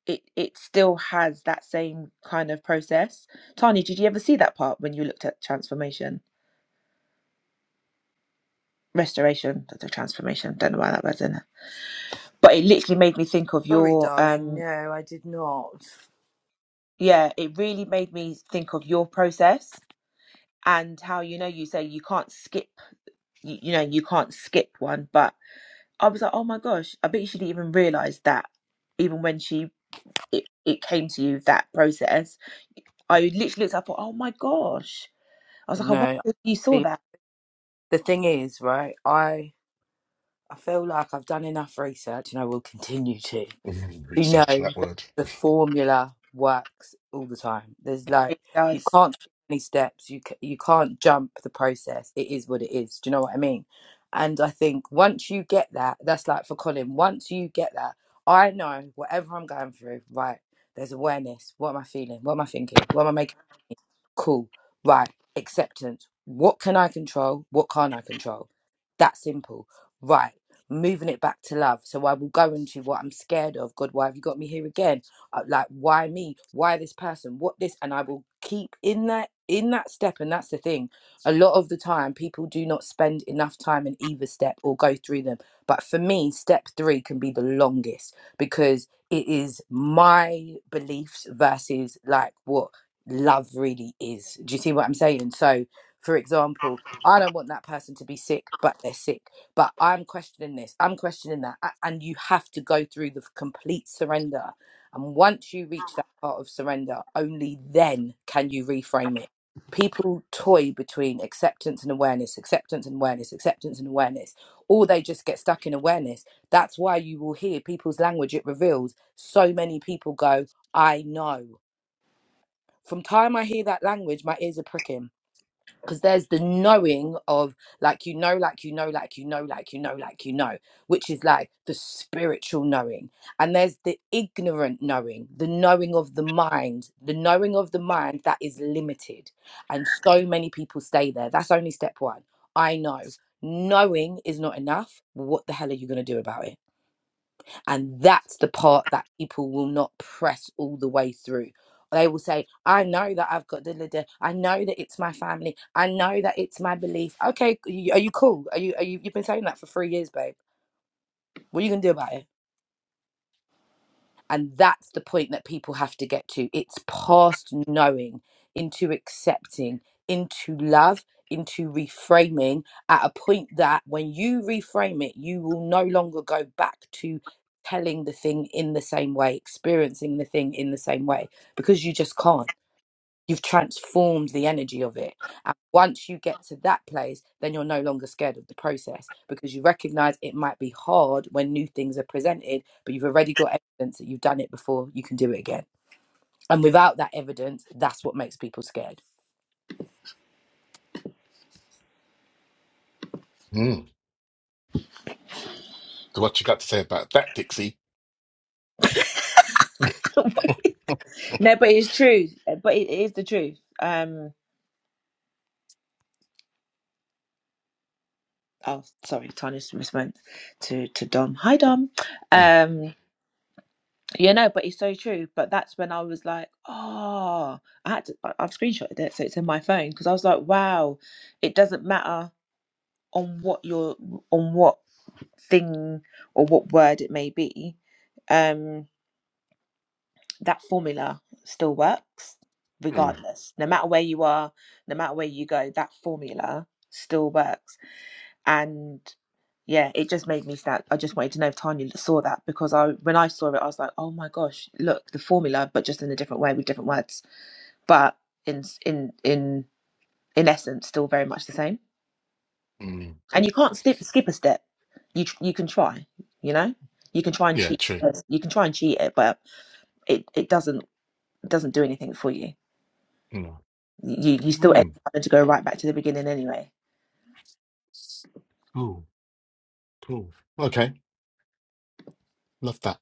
it it still has that same kind of process. Tanya, did you ever see that part when you looked at transformation, restoration, that's a transformation? Don't know why that was in it, but it literally made me think of Sorry, your darling. um No, I did not. yeah, it really made me think of your process and how you know you say you can't skip you, you know you can't skip one, but I was like, oh my gosh, I bet you she didn't even realize that even when she it, it came to you that process. I literally looked up, oh my gosh. I was like, I wonder No, if you saw the, that. the thing is, right? I I feel like I've done enough research and I will continue to. Mm, you know research that that word. the formula works all the time. There's like It you does. can't skip any steps. You ca- you can't jump the process. It is what it is. Do you know what I mean? And I think once you get that, that's like for Colin. Once you get that, I know whatever I'm going through. Right, there's awareness. What am I feeling? What am I thinking? What am I making? Cool. Right. Acceptance. What can I control? What can't I control? That simple. Right. Moving it back to love. So I will go into what I'm scared of. God, why have you got me here again? Uh, Like, why me? Why this person? What this? And I will keep in that in that step. And that's the thing. A lot of the time, people do not spend enough time in either step or go through them. But for me, step three can be the longest because it is my beliefs versus like what love really is. Do you see what I'm saying? So, for example, I don't want that person to be sick, but they're sick. But I'm questioning this, I'm questioning that. a- And you have to go through the complete surrender. And once you reach that part of surrender, only then can you reframe it. People toy between acceptance and awareness, acceptance and awareness, acceptance and awareness, or they just get stuck in awareness. That's why you will hear people's language, it reveals so many people go, I know. From time I hear that language, my ears are pricking because there's the knowing of like you know, like you know, like you know, like you know, like you know, which is like the spiritual knowing, and there's the ignorant knowing, the knowing of the mind, the knowing of the mind that is limited, and so many people stay there. That's only step one. I know knowing is not enough. What the hell are you going to do about it? And that's the part that people will not press all the way through. They will say, I know that I've got the I know that it's my family. I know that it's my belief. Okay, are you cool? Are you, are you you've been saying that for three years, babe. What are you gonna do about it? And that's the point that people have to get to. It's past knowing into accepting, into love, into reframing at a point that when you reframe it, you will no longer go back to telling the thing in the same way, experiencing the thing in the same way, because you just can't. You've transformed the energy of it. And once you get to that place, then you're no longer scared of the process because you recognize it might be hard when new things are presented, but you've already got evidence that you've done it before, you can do it again. And without that evidence, that's what makes people scared. Mm. So what you got to say about that, Dixie? no, but it's true. But it is the truth. Um. Oh, sorry, Tarnish was meant to to Dom. Hi, Dom. Mm, Um. Yeah, no, but it's so true. But that's when I was like, oh, I had to. I- I've screenshotted it, so it's in my phone because I was like, wow, it doesn't matter on what your on what thing or what word it may be. Um. that formula still works mm, regardless no matter where you are no matter where you go that formula still works and yeah it just made me sad i just wanted to know if tanya saw that because i when i saw it i was like oh my gosh look the formula but just in a different way with different words but in in in in essence still very much the same mm. and you can't skip skip a step you you can try you know you can try and Yeah, cheat true. you can try and cheat it but it it doesn't doesn't do anything for you Mm. You you still end Mm. up having to go right back to the beginning anyway. Cool, cool. Okay, love that.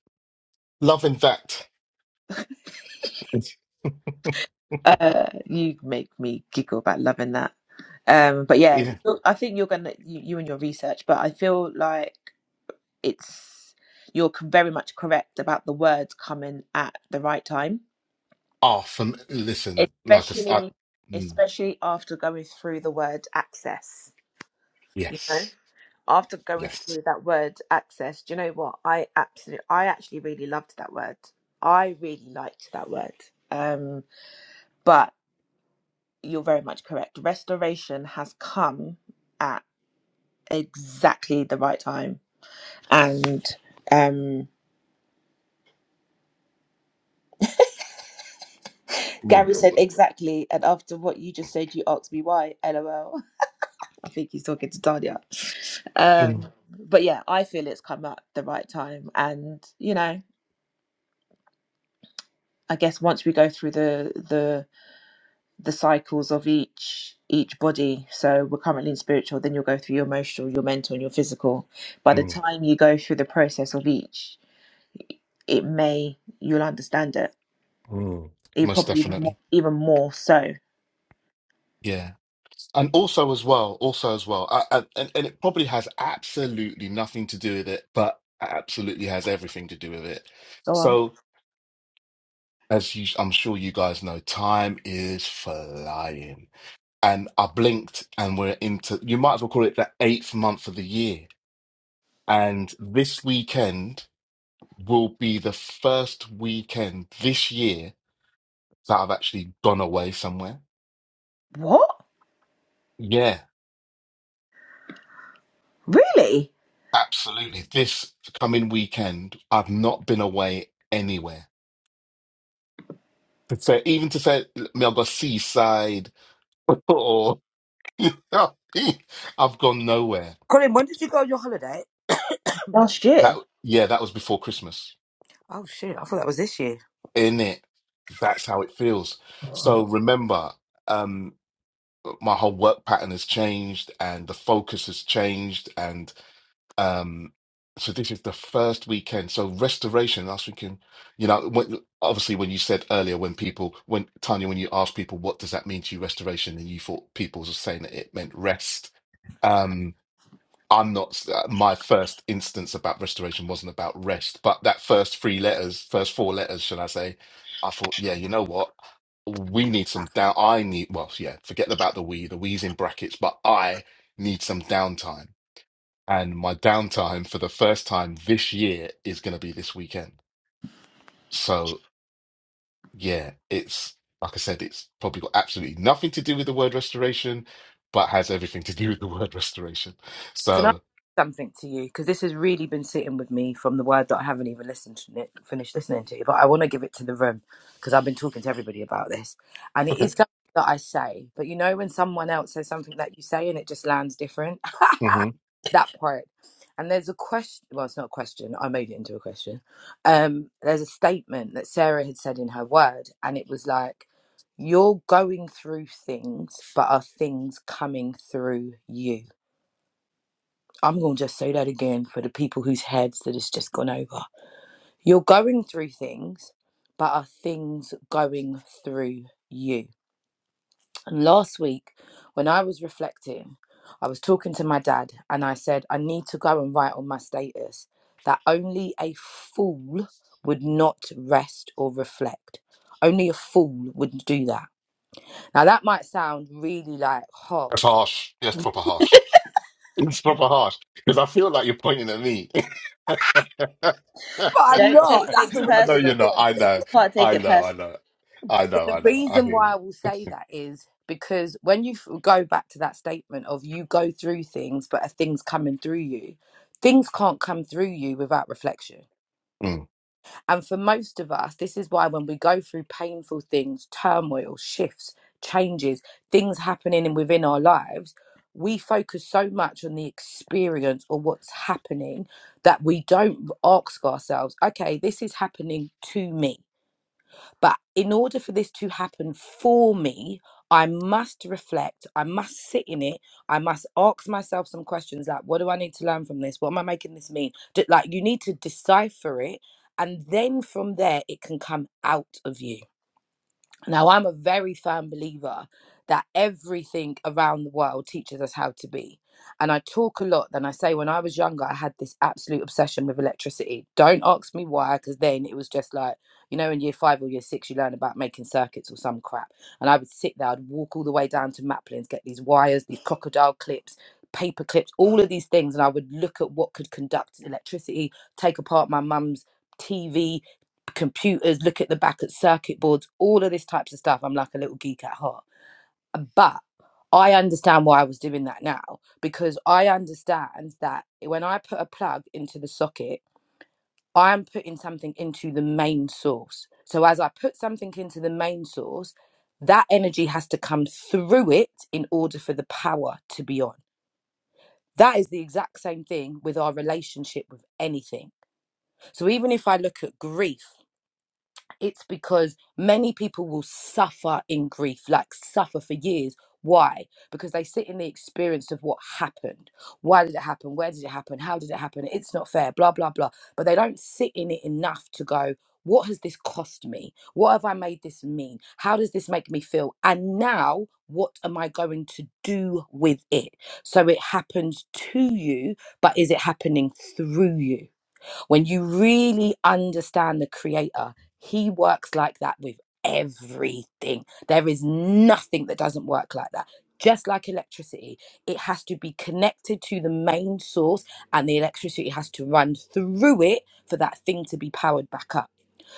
Loving that. Uh, you make me giggle about loving that. Um, but yeah, yeah. you- I think you're gonna you, you and your research, but I feel like it's you're c- very much correct about the words coming at the right time, Ah, from listen, like I, s- especially I- mm, especially after going through the word access. yes, after going yes. through that word access, do you know what? I absolutely, I actually really loved that word. I really liked that word. Um, but you're very much correct. Restoration has come at exactly the right time. And um, No. Gary said exactly. And after what you just said, you asked me why. LOL. I think he's talking to Tanya. Um, mm, but yeah, I feel it's come at the right time. And, you know, I guess once we go through the the, the cycles of each each body so we're currently in spiritual then you'll go through your emotional your mental and your physical by the mm, time you go through the process of each it may you'll understand it mm. you Most probably even more, definitely. even more so Yeah. And also as well, also as well, I, I, and and it probably has absolutely nothing to do with it, but absolutely has everything to do with it. go on So, as you, I'm sure you guys know, time is flying, and I blinked, and we're into. You might as well call it the eighth month of the year, and this weekend will be the first weekend this year that I've actually gone away somewhere. what Yeah, really Absolutely. This coming weekend, I've not been away anywhere. To say, even to say, me, I'll go seaside or I've gone nowhere. Colin, when did you go on your holiday? last That, year yeah, that was before Christmas, Oh shit, I thought that was this year. in it. That's how it feels. So remember, um, my whole work pattern has changed and the focus has changed and. Um, so this is the first weekend. So restoration last weekend, you know, when, obviously when you said earlier, when people, when Tanya, when you asked people, what does that mean to you, restoration, and you thought people were saying that it meant rest. Um, I'm not, my first instance about restoration wasn't about rest, but that first three letters, first four letters, should I say, I thought, yeah, you know what? We need some down. I need, well, yeah, forget about the we, the we's in brackets, but I need some downtime and my downtime for the first time this year is going to be this weekend. So yeah, it's like I said, it's probably got absolutely nothing to do with the word restoration, but has everything to do with the word restoration. Can I say So something to you? Because this has really been sitting with me from the word that I haven't even listened to it, finished listening to, but I want to give it to the room because I've been talking to everybody about this, and it is okay, something that I say. But you know, when someone else says something that you say and it just lands different, hmm that part. And there's a question. Well, it's not a question. I made it into a question. Um, there's a statement that Sarah had said in her word, and it was like, "You're going through things, but are things coming through you?" I'm going to just say that again for the people whose heads that it's just gone over. You're going through things, but are things going through you? And last week, when I was reflecting, I was talking to my dad and I said, I need to go and write on my status that only a fool would not rest or reflect. Only a fool would do that. Now, that might sound really like that's harsh, harsh. That's proper harsh. It's proper harsh because I feel like you're pointing at me. I but I'm don't not. take That's things the wickedest know thing. you're personal not. I Colin. know. you can't take I it know. I personal know. I know. the I know. I reason hear why you. I will say that is because when you f- go back to that statement of you go through things, but are things coming through you, things can't come through you without reflection. Mm. And for most of us, this is why when we go through painful things, turmoil, shifts, changes, things happening in- within our lives, we focus so much on the experience or what's happening that we don't ask ourselves, okay, this is happening to me but in order for this to happen for me, I must reflect. I must sit in it. I must ask myself some questions like, what do I need to learn from this? What am I making this mean? D- Like, you need to decipher it. And then from there, it can come out of you. Now, I'm a very firm believer that everything around the world teaches us how to be. And I talk a lot, and I say when I was younger, I had this absolute obsession with electricity. Don't ask me why, because then it was just like, you know, in year five or year six, you learn about making circuits or some crap. And I would sit there, I'd walk all the way down to Maplin's, get these wires, these crocodile clips, paper clips, all of these things. And I would look at what could conduct electricity, take apart my mum's TV, computers, look at the back at circuit boards, all of this types of stuff. I'm like a little geek at heart. But I understand why I was doing that now because I understand that when I put a plug into the socket, I am putting something into the main source. So as I put something into the main source, that energy has to come through it in order for the power to be on. That is the exact same thing with our relationship with anything. So even if I look at grief, it's because many people will suffer in grief, like suffer for years. Why? Because they sit in the experience of what happened. Why did it happen? Where did it happen? How did it happen? It's not fair, blah, blah, blah. But they don't sit in it enough to go, what has this cost me? What have I made this mean? How does this make me feel? And now, what am I going to do with it? So it happens to you, but is it happening through you? When you really understand the creator, he works like that with everything. There is nothing that doesn't work like that. Just like electricity, it has to be connected to the main source and the electricity has to run through it for that thing to be powered back up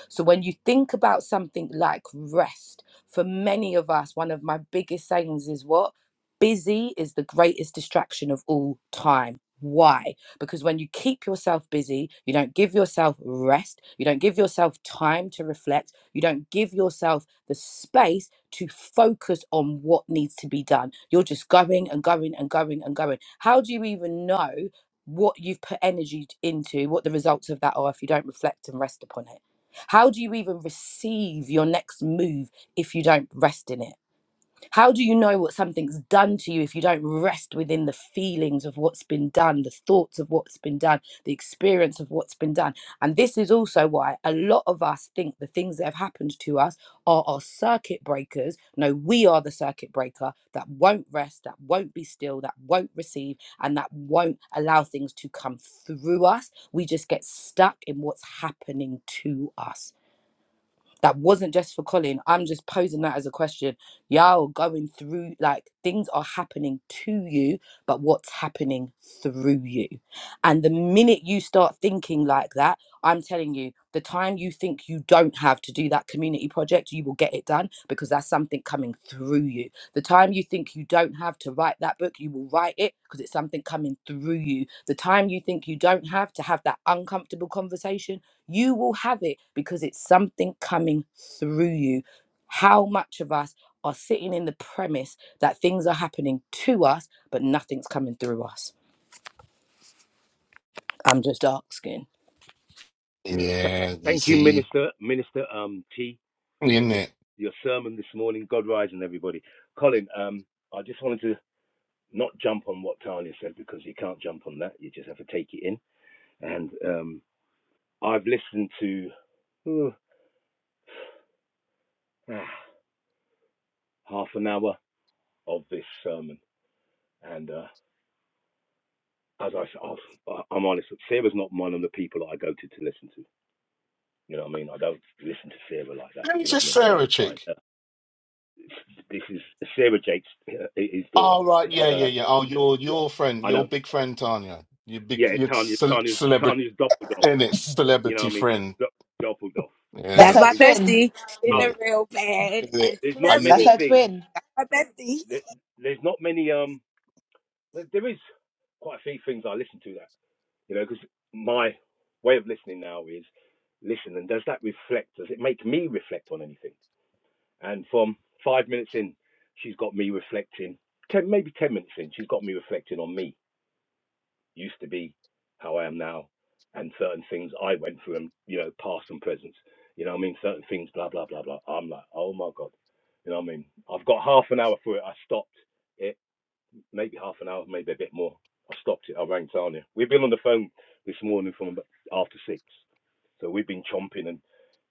so when you think about something like rest, for many of us, one of my biggest sayings is what? Busy is the greatest distraction of all time. Why? Because when you keep yourself busy, you don't give yourself rest, you don't give yourself time to reflect, you don't give yourself the space to focus on what needs to be done. You're just going and going and going and going. How do you even know what you've put energy into, what the results of that are if you don't reflect and rest upon it? How do you even receive your next move if you don't rest in it? How do you know what something's done to you if you don't rest within the feelings of what's been done, the thoughts of what's been done, the experience of what's been done? And this is also why a lot of us think the things that have happened to us are our circuit breakers. No, we are the circuit breaker that won't rest, that won't be still, that won't receive, and that won't allow things to come through us. We just get stuck in what's happening to us that wasn't just for Colin. I'm just posing that as a question. Y'all going through like things are happening to you, but what's happening through you? And the minute you start thinking like that, I'm telling you, the time you think you don't have to do that community project, you will get it done because that's something coming through you. The time you think you don't have to write that book, you will write it because it's something coming through you. The time you think you don't have to have that uncomfortable conversation, you will have it because it's something coming through you. How much of us are sitting in the premise that things are happening to us, but nothing's coming through us? I'm just asking. Yeah, th- Yeah, you Thank you, see, Minister Minister um, T, isn't for your, it? your sermon this morning. God rise and everybody. Colin, um, I just wanted to not jump on what Tanya said because you can't jump on that. You just have to take it in. And um, I've listened to ooh, ah, half an hour of this sermon, and uh, as I have I, s- I've- I'm honest, Sarah's not one of the people that I go to to listen to. You know what I mean? I don't listen to Sarah like that. You It's know what I just mean? I Sarah don't find chick. her. this is Sarah Jake's uh, his daughter. Oh right, yeah, yeah, Uh, yeah. Oh, your yeah, your friend, I your don't. big friend Tanya, your big Yeah, your Tanya, ce Tanya, celebrity Tanya's Doppelgolf. and it's You know celebrity what I mean? friend Do- Doppelgolf. You and know that's That's what it. her I my mean? twin bestie. She's But a Yeah. real bad Yeah. and there's she not Are loves you that's many me. her things. twin My bestie. That, there's not many. Um, there is quite a few things I listen to that. You know, because my way of listening now is listen and does that reflect? Does it make me reflect on anything? And from five minutes in, she's got me reflecting. Ten, maybe ten minutes in, she's got me reflecting on me used to be, how I am now, and certain things I went through and, you know, past and present. You know what I mean? Certain things, blah, blah, blah, blah. I'm like, oh my God. You know what I mean? I've got half an hour for it. I stopped it, maybe half an hour, maybe a bit more. I stopped it. I rang Tanya. We've been on the phone this morning from about after six. So we've been chomping and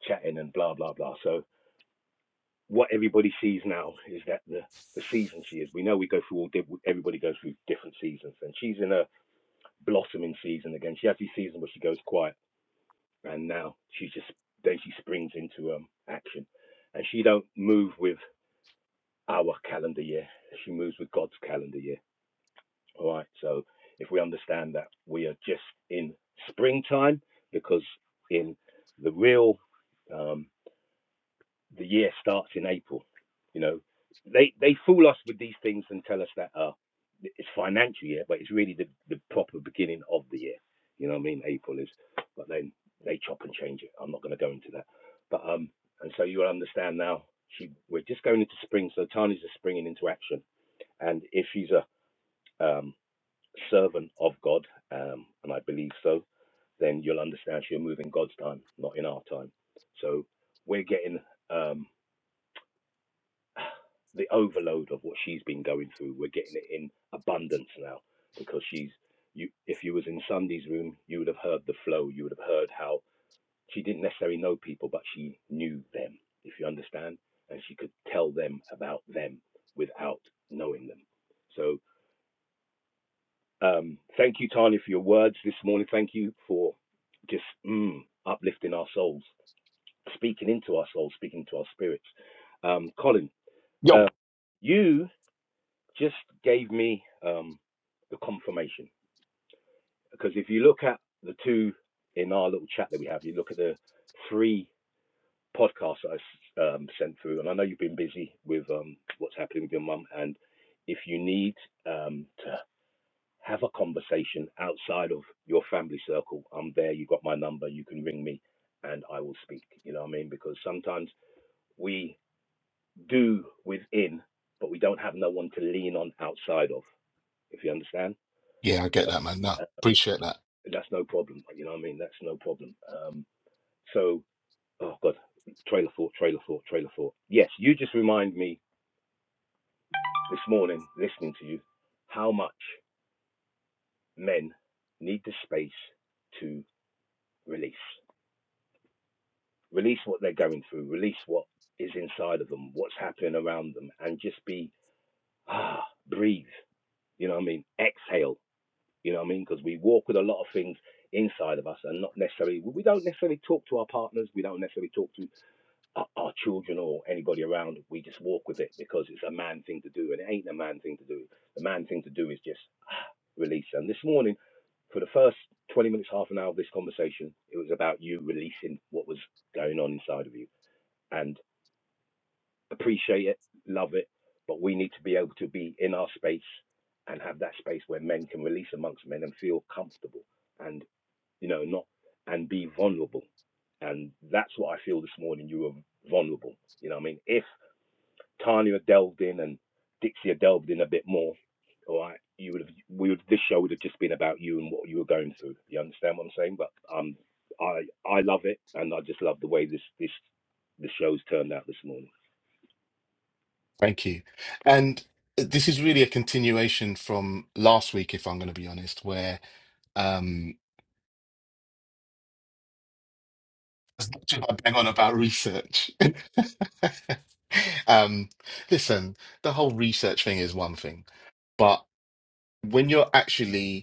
chatting and blah, blah, blah. So what everybody sees now is that the, the season she is. We know we go through all, di- everybody goes through different seasons. And she's in her blossoming season again. She has this season where she goes quiet, and now she's just then she springs into um, action, and she don't move with our calendar year. She moves with God's calendar year. All right. So if we understand that we are just in springtime, because in the real um, the year starts in April. You know, they they fool us with these things and tell us that uh, it's financial year, but it's really the, the proper beginning of the year. You know what I mean? April is, but then they chop and change it. I'm not going to go into that, but um, and so you will understand now. She we're just going into spring, so Tani's just springing into action, and if she's a um, servant of God, um, and I believe so, then you'll understand she'll move in God's time, not in our time. So we're getting um, the overload of what she's been going through. We're getting it in abundance now because she's you. If you was in Sunday's room, you would have heard the flow. You would have heard how she didn't necessarily know people, but she knew them. If you understand, and she could tell them about them without knowing them. So um, thank you, Tanya, for your words this morning. Thank you for just mm, uplifting our souls, speaking into our souls, speaking to our spirits. Um, Colin, uh, yo? you just gave me um, the confirmation because if you look at the two in our little chat that we have, you look at the three podcasts that I um, sent through, and I know you've been busy with um, what's happening with your mum. And if you need um, to have a conversation outside of your family circle, I'm there. You've got my number. You can ring me, and I will speak. You know what I mean? Because sometimes we do within, but we don't have no one to lean on outside of. If you understand. Yeah, I get that, man. No, Um, appreciate that. that's no problem. You know what I mean? That's no problem. Um, so, oh God, trailer thought, trailer thought, trailer thought. Yes, you just remind me this morning, listening to you, how much men need the space to release, release what they're going through, release what is inside of them, what's happening around them, and just be ah, breathe. You know what I mean? Exhale. You know what I mean? Because we walk with a lot of things inside of us and not necessarily we don't necessarily talk to our partners we don't necessarily talk to our, our children or anybody around, we just walk with it because it's a man thing to do, and it ain't a man thing to do. The man thing to do is just release. And this morning, for the first 20 minutes, half an hour of this conversation, it was about you releasing what was going on inside of you and appreciate it, love it. But we need to be able to be in our space and have that space where men can release amongst men and feel comfortable and, you know, not and be vulnerable. And that's what I feel this morning. You were vulnerable. You know what I mean? If Tanya delved in and Dixie had delved in a bit more, all right, you would have we would this show would have just been about you and what you were going through. You understand what I'm saying? But um, I I love it, and I just love the way this this the show's turned out this morning. Thank you. And this is really a continuation from last week, if I'm going to be honest, where um I bang on about research. Um, listen, the whole research thing is one thing, but when you're actually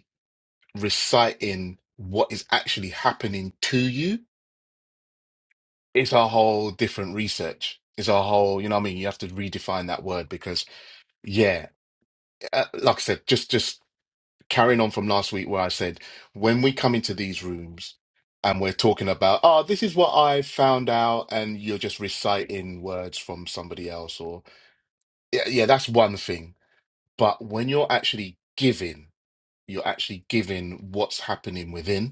reciting what is actually happening to you, it's a whole different research. It's a whole, you know what I mean? You have to redefine that word because, yeah, uh, like I said, just just carrying on from last week where I said when we come into these rooms and we're talking about, oh, this is what I found out, and you're just reciting words from somebody else, or yeah, yeah, that's one thing. But when you're actually giving, you're actually giving what's happening within.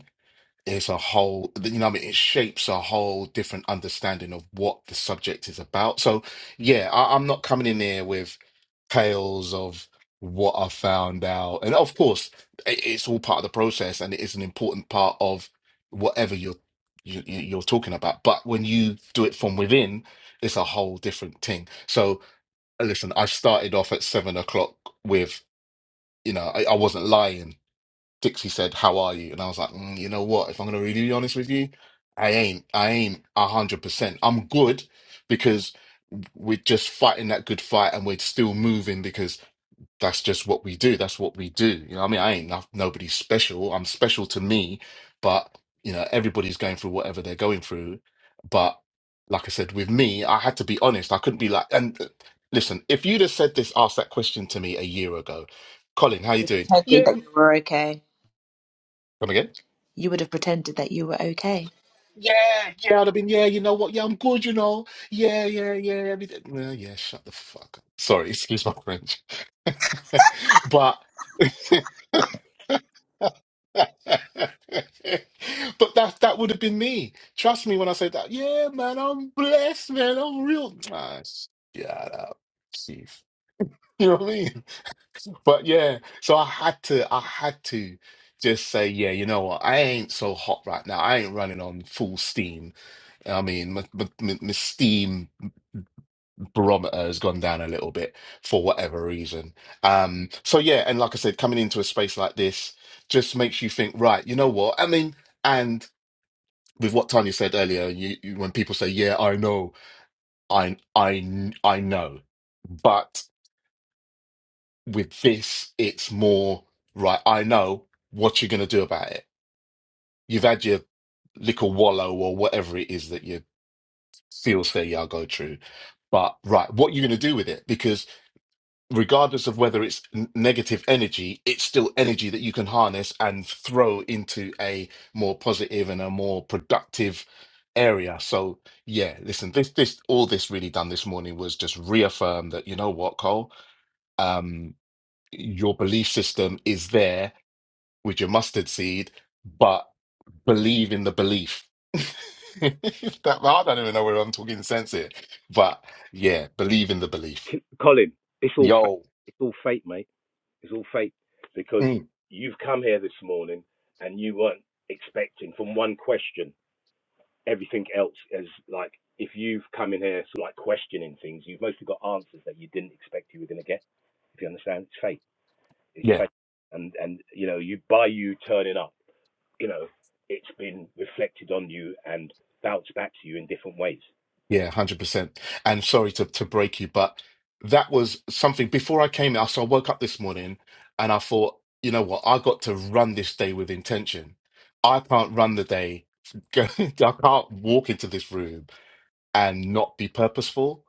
It's a whole, you know, what I mean, it shapes a whole different understanding of what the subject is about. So, yeah, I, I'm not coming in here with tales of what I found out, and of course, it, it's all part of the process, and it is an important part of whatever you're you, you- you're talking about. But when you do it from within, it's a whole different thing. So, listen, I started off at seven o'clock with, you know, I, I wasn't lying Dixie said, "How are you?" And I was like, mm, "You know what? If I'm gonna really be honest with you, I ain't. I ain't a hundred percent. I'm good because we're just fighting that good fight, and we're still moving because that's just what we do. That's what we do. You know, what I mean, I ain't no- nobody special. I'm special to me, but you know, everybody's going through whatever they're going through. But like I said, with me, I had to be honest. I couldn't be like, and uh, listen, if you'd have said this, asked that question to me a year ago, Colin, how you you doing? pretended Yeah. that you were okay Come again. you would have pretended that you were okay Yeah, yeah, I'd have been, yeah, you know what? Yeah, I'm good, you know. Yeah, yeah, yeah, everything. Well, yeah, shut the fuck up. Sorry, excuse my French. But but that that would have been me. Trust me when I say that. Yeah, man, I'm blessed, man. I'm real. Ah, shut up, Keith. You know what I mean? But yeah, so I had to, I had to just say, yeah, you know what? I ain't so hot right now. I ain't running on full steam. I mean, my, my, my my steam barometer has gone down a little bit for whatever reason. Um, so yeah, and like I said, coming into a space like this just makes you think, right, you know what? I mean, and with what Tanya said earlier, you, you when people say, "Yeah, I know," I I kn- I know, but with this, it's more right. I know what you're going to do about it. You've had your little wallow or whatever it is that feels fair, yeah, I'll go true. But right, what are you going to do with it? Because regardless of whether it's n- negative energy, it's still energy that you can harness and throw into a more positive and a more productive area. So yeah, listen, this this all this really done this morning was just reaffirm that you know what, Cole, um, your belief system is there with your mustard seed, but believe in the belief. If that, I don't even know whether I'm talking sense here, but yeah, believe in the belief. Colin, it's all fate. Yo, It's all fate, mate. It's all fate because Mm. you've come here this morning and you weren't expecting from one question. everything else is like if you've come in here sort of like questioning things, you've mostly got answers that you didn't expect you were going to get. If you understand, it's fate. It's yeah, fate, and and you know you by you turning up, you know it's been reflected on you and bounced back to you in different ways. yeah, one hundred percent. And sorry to to break you, but that was something before I came out. So I woke up this morning and I thought, you know what, I got to run this day with intention. I can't run the day. I can't walk into this room and not be purposeful.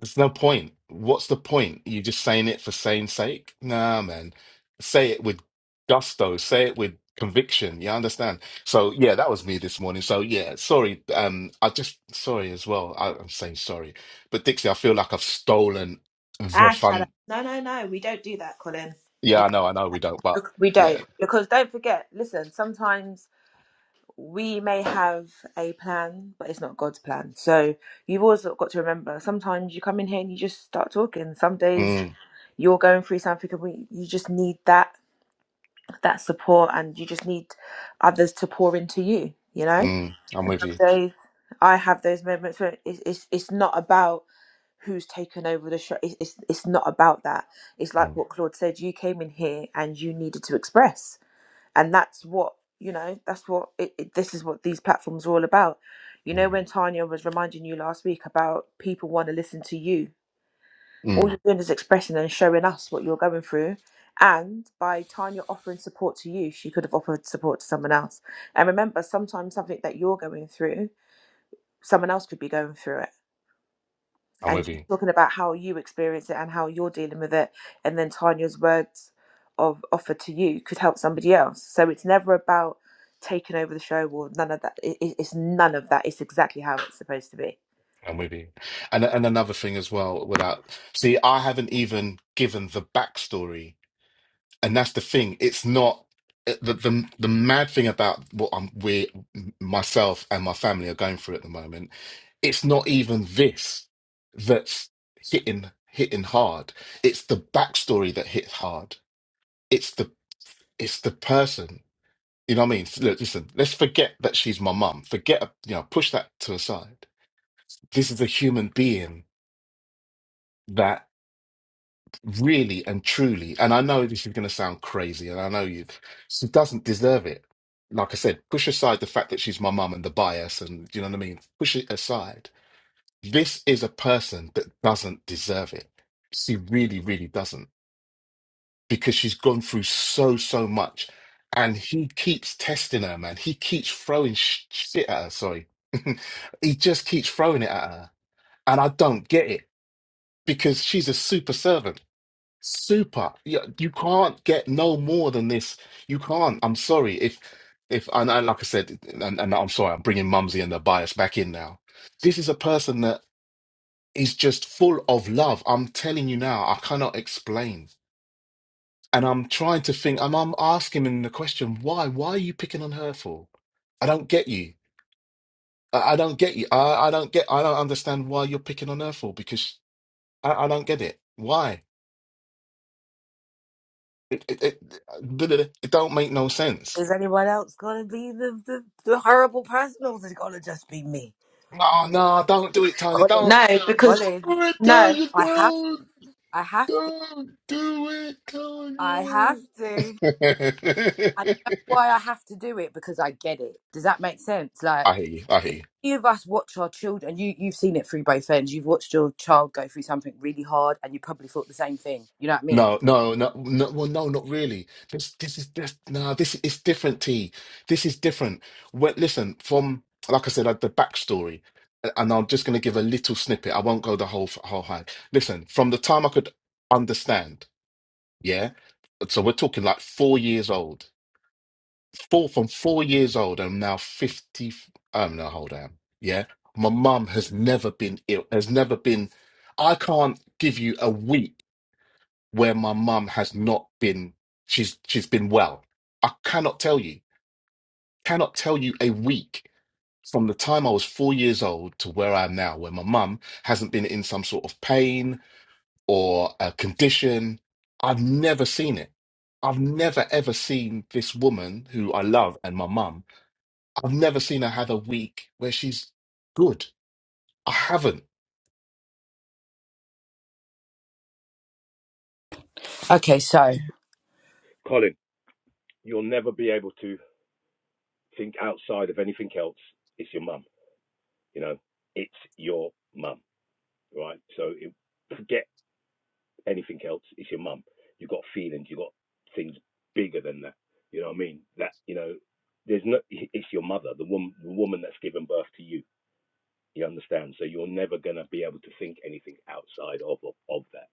There's no point. What's the point? You just saying it for saying sake? Nah, man. Say it with gusto. Say it with conviction. You understand? So yeah, that was me this morning. So yeah, sorry. Um, I just sorry as well. I, I'm saying sorry, but Dixie, I feel like I've stolen the ah shut up fun. no no no we don't do that colin Yeah, I know, I know we don't, but Bec- We yeah. don't. Because don't forget, listen, sometimes we may have a plan, but it's not God's plan. So you've always got to remember sometimes you come in here and you just start talking. Some days Mm, you're going through something and we, you just need that that support and you just need others to pour into you, you know? mm, I'm And with some you. days I have those moments where it's, it's, it's not about who's taken over the show. It's, it's, it's not about that. It's like Mm, what Claude said you came in here and you needed to express and that's what you know that's what it, it, this is what these platforms are all about you know mm, when tanya was reminding you last week about people want to listen to you all mm, you're doing is expressing and showing us what you're going through and by tanya offering support to you she could have offered support to someone else and remember sometimes something that you're going through someone else could be going through it I'm with and you you. talking about how you experience it and how you're dealing with it and then tanya's words of offer to you could help somebody else so it's never about taking over the show or none of that it, it- it's none of that it's exactly how it's supposed to be I'm with you. And and another thing as well. Without see, I haven't even given the backstory and that's the thing. It's not eh, the the the mad thing about what I'm we myself and my family are going through at the moment. It's not even this that's hitting hitting hard. It's the backstory that hits hard. It's the it's the person. You know what I mean? Look, listen. Let's forget that she's my mum. Forget you know. Push that to aside. This is a human being that. really and truly, and I know this is going to sound crazy, and I know you, she doesn't deserve it. Like I said, push aside the fact that she's my mum and the bias, and you know what I mean? Push it aside. This is a person that doesn't deserve it. She really, really doesn't because she's gone through so, so much. And he keeps testing her, man. He keeps throwing sh- shit at her. Sorry. he just keeps throwing it at her. And I don't get it because she's a super servant. Super. You, you can't get no more than this. You can't. I'm sorry if if and, and like I said, and, and I'm sorry, I'm bringing Mumsy and the bias back in now. This is a person that is just full of love. I'm telling you now, I cannot explain. And I'm trying to think. And I'm asking him the question, why? Why are you picking on her for? I don't get you. I, I don't get you. I, I don't get. I don't understand why you're picking on her for because I, I don't get it. Why? It, it, it, it don't make no sense Is anyone else gonna be the the, the horrible person or is it gonna just be me? No, no, don't do it, Tanya. Colin, Don't no because Colin, do it, no I have Tanya. I Don't, have to don't do it, I Tanya. have to. I know why I have to do it because I get it. Does that make sense? Like, I hear you. I hear you. any of us watch our children you you've seen it through both ends you've watched your child go through something really hard and you probably thought the same thing you know what i mean No, no, no, no. Well, no, not really. This, this is just no. This is different. T. This is different. Well, listen, from like I said, like the backstory, and I'm just going to give a little snippet. I won't go the whole whole hang. Listen, from the time I could understand, yeah. So we're talking like four years old. Four from four years old. I'm now 50. Um, no, hold on. Yeah. My mum has never been ill, has never been. I can't give you a week where my mum has not been, she's she's been well. I cannot tell you, cannot tell you a week from the time I was four years old to where I am now, where my mum hasn't been in some sort of pain or a condition. I've never seen it. I've never ever seen this woman who I love and my mum I've never seen her have a week where she's good. I haven't. okay so Colin, you'll never be able to think outside of anything else. It's your mum. You know, it's your mum, right? So it, forget anything else. It's your mum. You got feelings. You got things bigger than that. You know what I mean? That you know, there's no. It's your mother, the woman, the woman that's given birth to you. You understand? So you're never gonna be able to think anything outside of of, of that.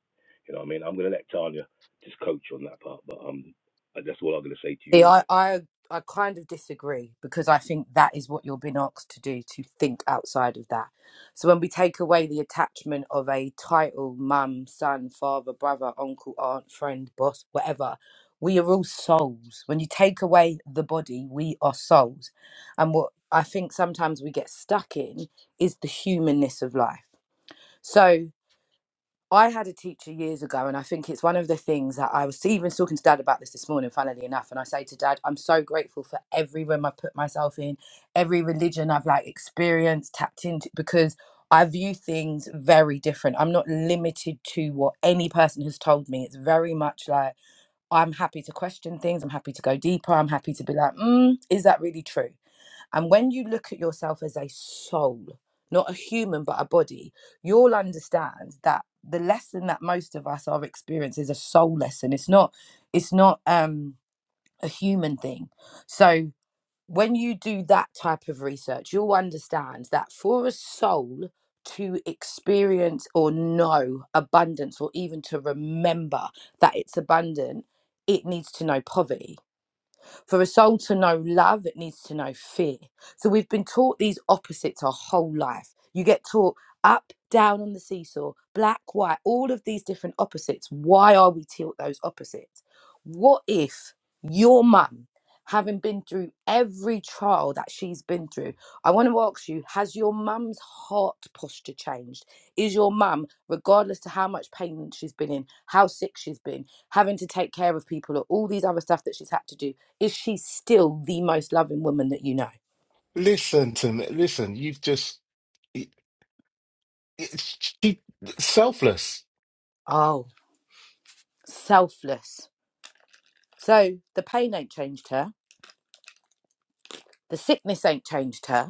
You know what I mean? I'm gonna let Tanya just coach on that part, but um, uh, that's all I'm gonna say to See, you. I, I, I kind of disagree because I think that is what you're being asked to do to think outside of that. So when we take away the attachment of a title, mum, son, father, brother, uncle, aunt, friend, boss, whatever, we are all souls. When you take away the body, we are souls. And what I think sometimes we get stuck in is the humanness of life. So I had a teacher years ago, and I think it's one of the things that I was even talking to dad about this this morning, funnily enough. And I say to dad, I'm so grateful for every room I've put myself in, every religion I've like experienced, tapped into, because I view things very different. I'm not limited to what any person has told me. It's very much like I'm happy to question things, I'm happy to go deeper, I'm happy to be like, mm, is that really true? And when you look at yourself as a soul, not a human, but a body, you'll understand that the lesson that most of us are experiencing is a soul lesson. It's not, it's not um, a human thing. So when you do that type of research, you'll understand that for a soul to experience or know abundance or even to remember that it's abundant, it needs to know poverty for a soul to know love, it needs to know fear. So we've been taught these opposites our whole life. You get taught up, down on the seesaw, black, white, all of these different opposites. Why are we taught those opposites? What if your mum, having been through every trial that she's been through, I want to ask you, has your mum's heart posture changed? Is your mum, regardless to how much pain she's been in, how sick she's been, having to take care of people or all these other stuff that she's had to do is she still the most loving woman that you know? Listen to me. Listen, you've just it, it's she, selfless. Oh, selfless. So the pain ain't changed her. The sickness ain't changed her.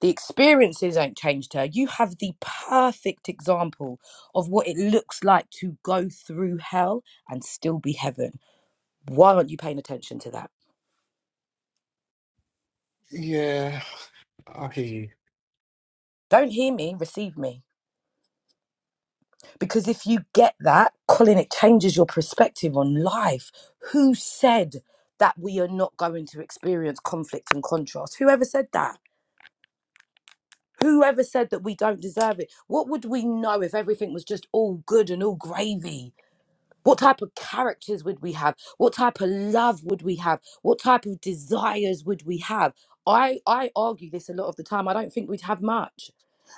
The experiences ain't changed her. You have the perfect example of what it looks like to go through hell and still be heaven. Why aren't you paying attention to that? Yeah, I hear you. Don't hear me, receive me. Because if you get that, Colin, it changes your perspective on life. Who said that we are not going to experience conflict and contrast? Whoever said that? Whoever said that we don't deserve it? What would we know if everything was just all good and all gravy? What type of characters would we have? What type of love would we have? What type of desires would we have? I, I argue this a lot of the time. I don't think we'd have much.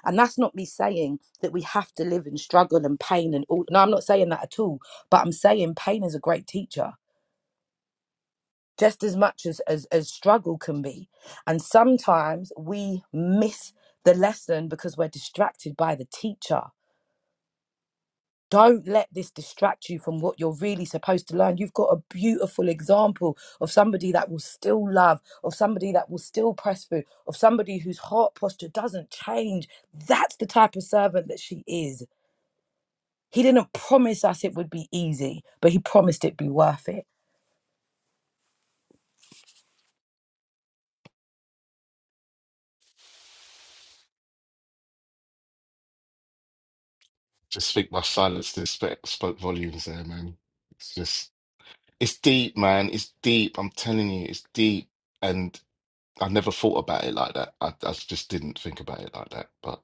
And that's not me saying that we have to live in struggle and pain and all. No, I'm not saying that at all. But I'm saying pain is a great teacher, just as much as, as, as struggle can be. And sometimes we miss the lesson because we're distracted by the teacher. Don't let this distract you from what you're really supposed to learn. You've got a beautiful example of somebody that will still love, of somebody that will still press through, of somebody whose heart posture doesn't change. That's the type of servant that she is. He didn't promise us it would be easy, but he promised it'd be worth it. Just think my silence did sp- spoke volumes there, man. It's just it's deep, man. It's deep. I'm telling you, it's deep. And I never thought about it like that. I, I just didn't think about it like that. But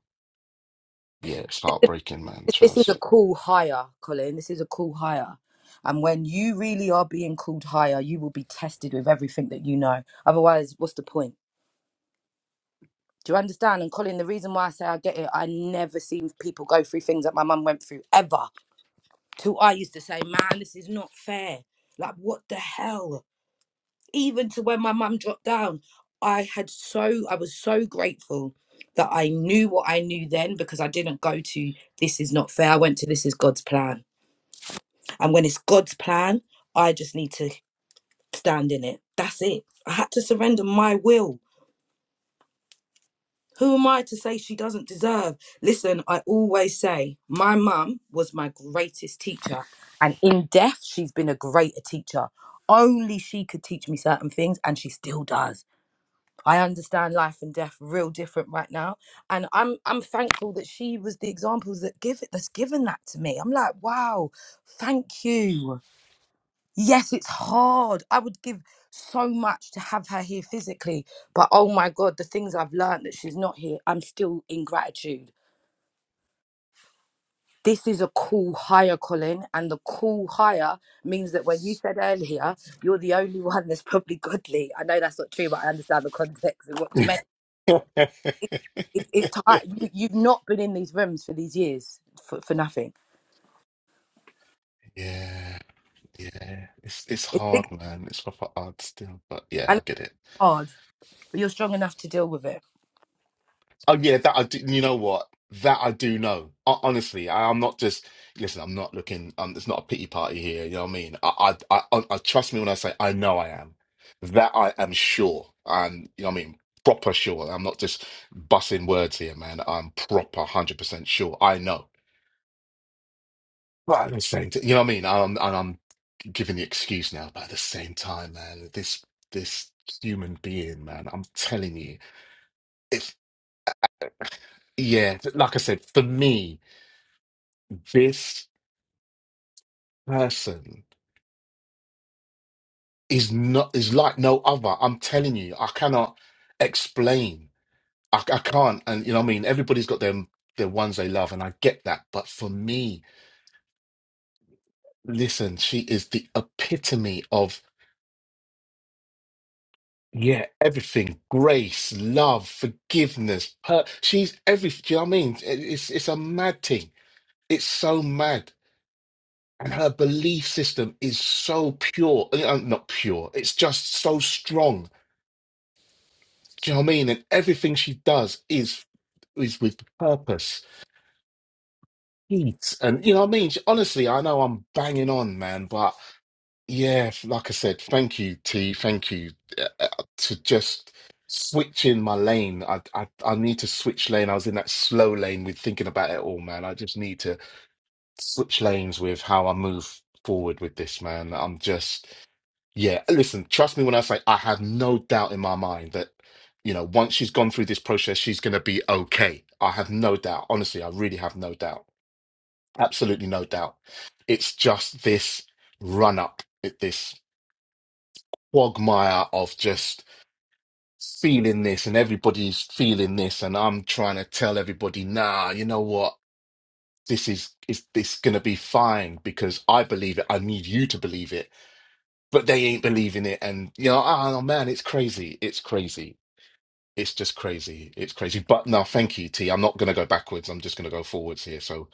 yeah, it's heartbreaking, man. This is a Trust. cool hire, Colin. This is a cool hire. And when you really are being called higher, you will be tested with everything that you know. Otherwise, what's the point? Do you understand? And Colin, the reason why I say I get it, I never seen people go through things that my mum went through ever. Till I used to say, man, this is not fair. Like, what the hell? Even to when my mum dropped down, I had so, I was so grateful that I knew what I knew then because I didn't go to this is not fair. I went to this is God's plan. And when it's God's plan, I just need to stand in it. That's it. I had to surrender my will Who am I to say she doesn't deserve? Listen, I always say my mum was my greatest teacher. And in death, she's been a greater teacher. Only she could teach me certain things, and she still does. I understand life and death real different right now. And I'm I'm thankful that she was the example that give it that's given that to me. I'm like, wow, thank you. Yes, it's hard. I would give so much to have her here physically, but oh my God, the things I've learned that she's not here, I'm still in gratitude. This is a cool hire, Colin, and the cool hire means that when you said earlier, you're the only one that's probably godly. I know that's not true, but I understand the context and what you meant. It, it, it's tight. you, you've not been in these rooms for these years for, for nothing. yeah. Yeah, it's it's It's big hard, man. It's proper hard still, but yeah, and I get it. hard, but you're strong enough to deal with it. Oh yeah, that I do. You know what? That I do know. Ho- Honestly, I, I'm not just listen. I'm not looking. Um, it's not a pity party here. You know what I mean? I, I, I, I trust me when I say I know I am. That I am sure. I'm. You know what I mean? Proper sure. I'm not just bussing words here, man. I'm proper hundred percent sure. I know. But at the same time, you know what I mean? I'm, and I'm giving the excuse now, but at the same time, man, this this human being, man, I'm telling you, if yeah, like I said, for me, this person is not is like no other. I'm telling you, I cannot explain. I, I can't, and you know what I mean? Everybody's got them their ones they love, and I get that. But for me, listen, she is the epitome of. Yeah, everything, grace, love, forgiveness. Her, she's everything. Do you know what I mean? It- It's it's a mad thing. It's so mad, and her belief system is so pure. uh, uh, Not pure. It's just so strong. Do you know what I mean? And everything she does is is with purpose, heat, and you know what I mean. She- Honestly, I know I'm banging on, man, but. Yeah, f- like I said, thank you, T. Thank you uh, uh, to just switch in my lane. I, I I need to switch lane. I was in that slow lane with thinking about it all, man. I just need to switch lanes with how I move forward with this, man. I'm just yeah. Listen, trust me when I say I have no doubt in my mind that you know once she's gone through this process, she's gonna be okay. I have no doubt. Honestly, I really have no doubt. Absolutely no doubt. It's just this run up. it, this quagmire of just feeling this and everybody's feeling this and I'm trying to tell everybody, nah, you know what? This is is this gonna be fine because I believe it. I need you to believe it. But they ain't believing it and you know, oh man, it's crazy. It's crazy. It's just crazy. It's crazy. But no, thank you, T. I'm not gonna go backwards. I'm just gonna go forwards here. So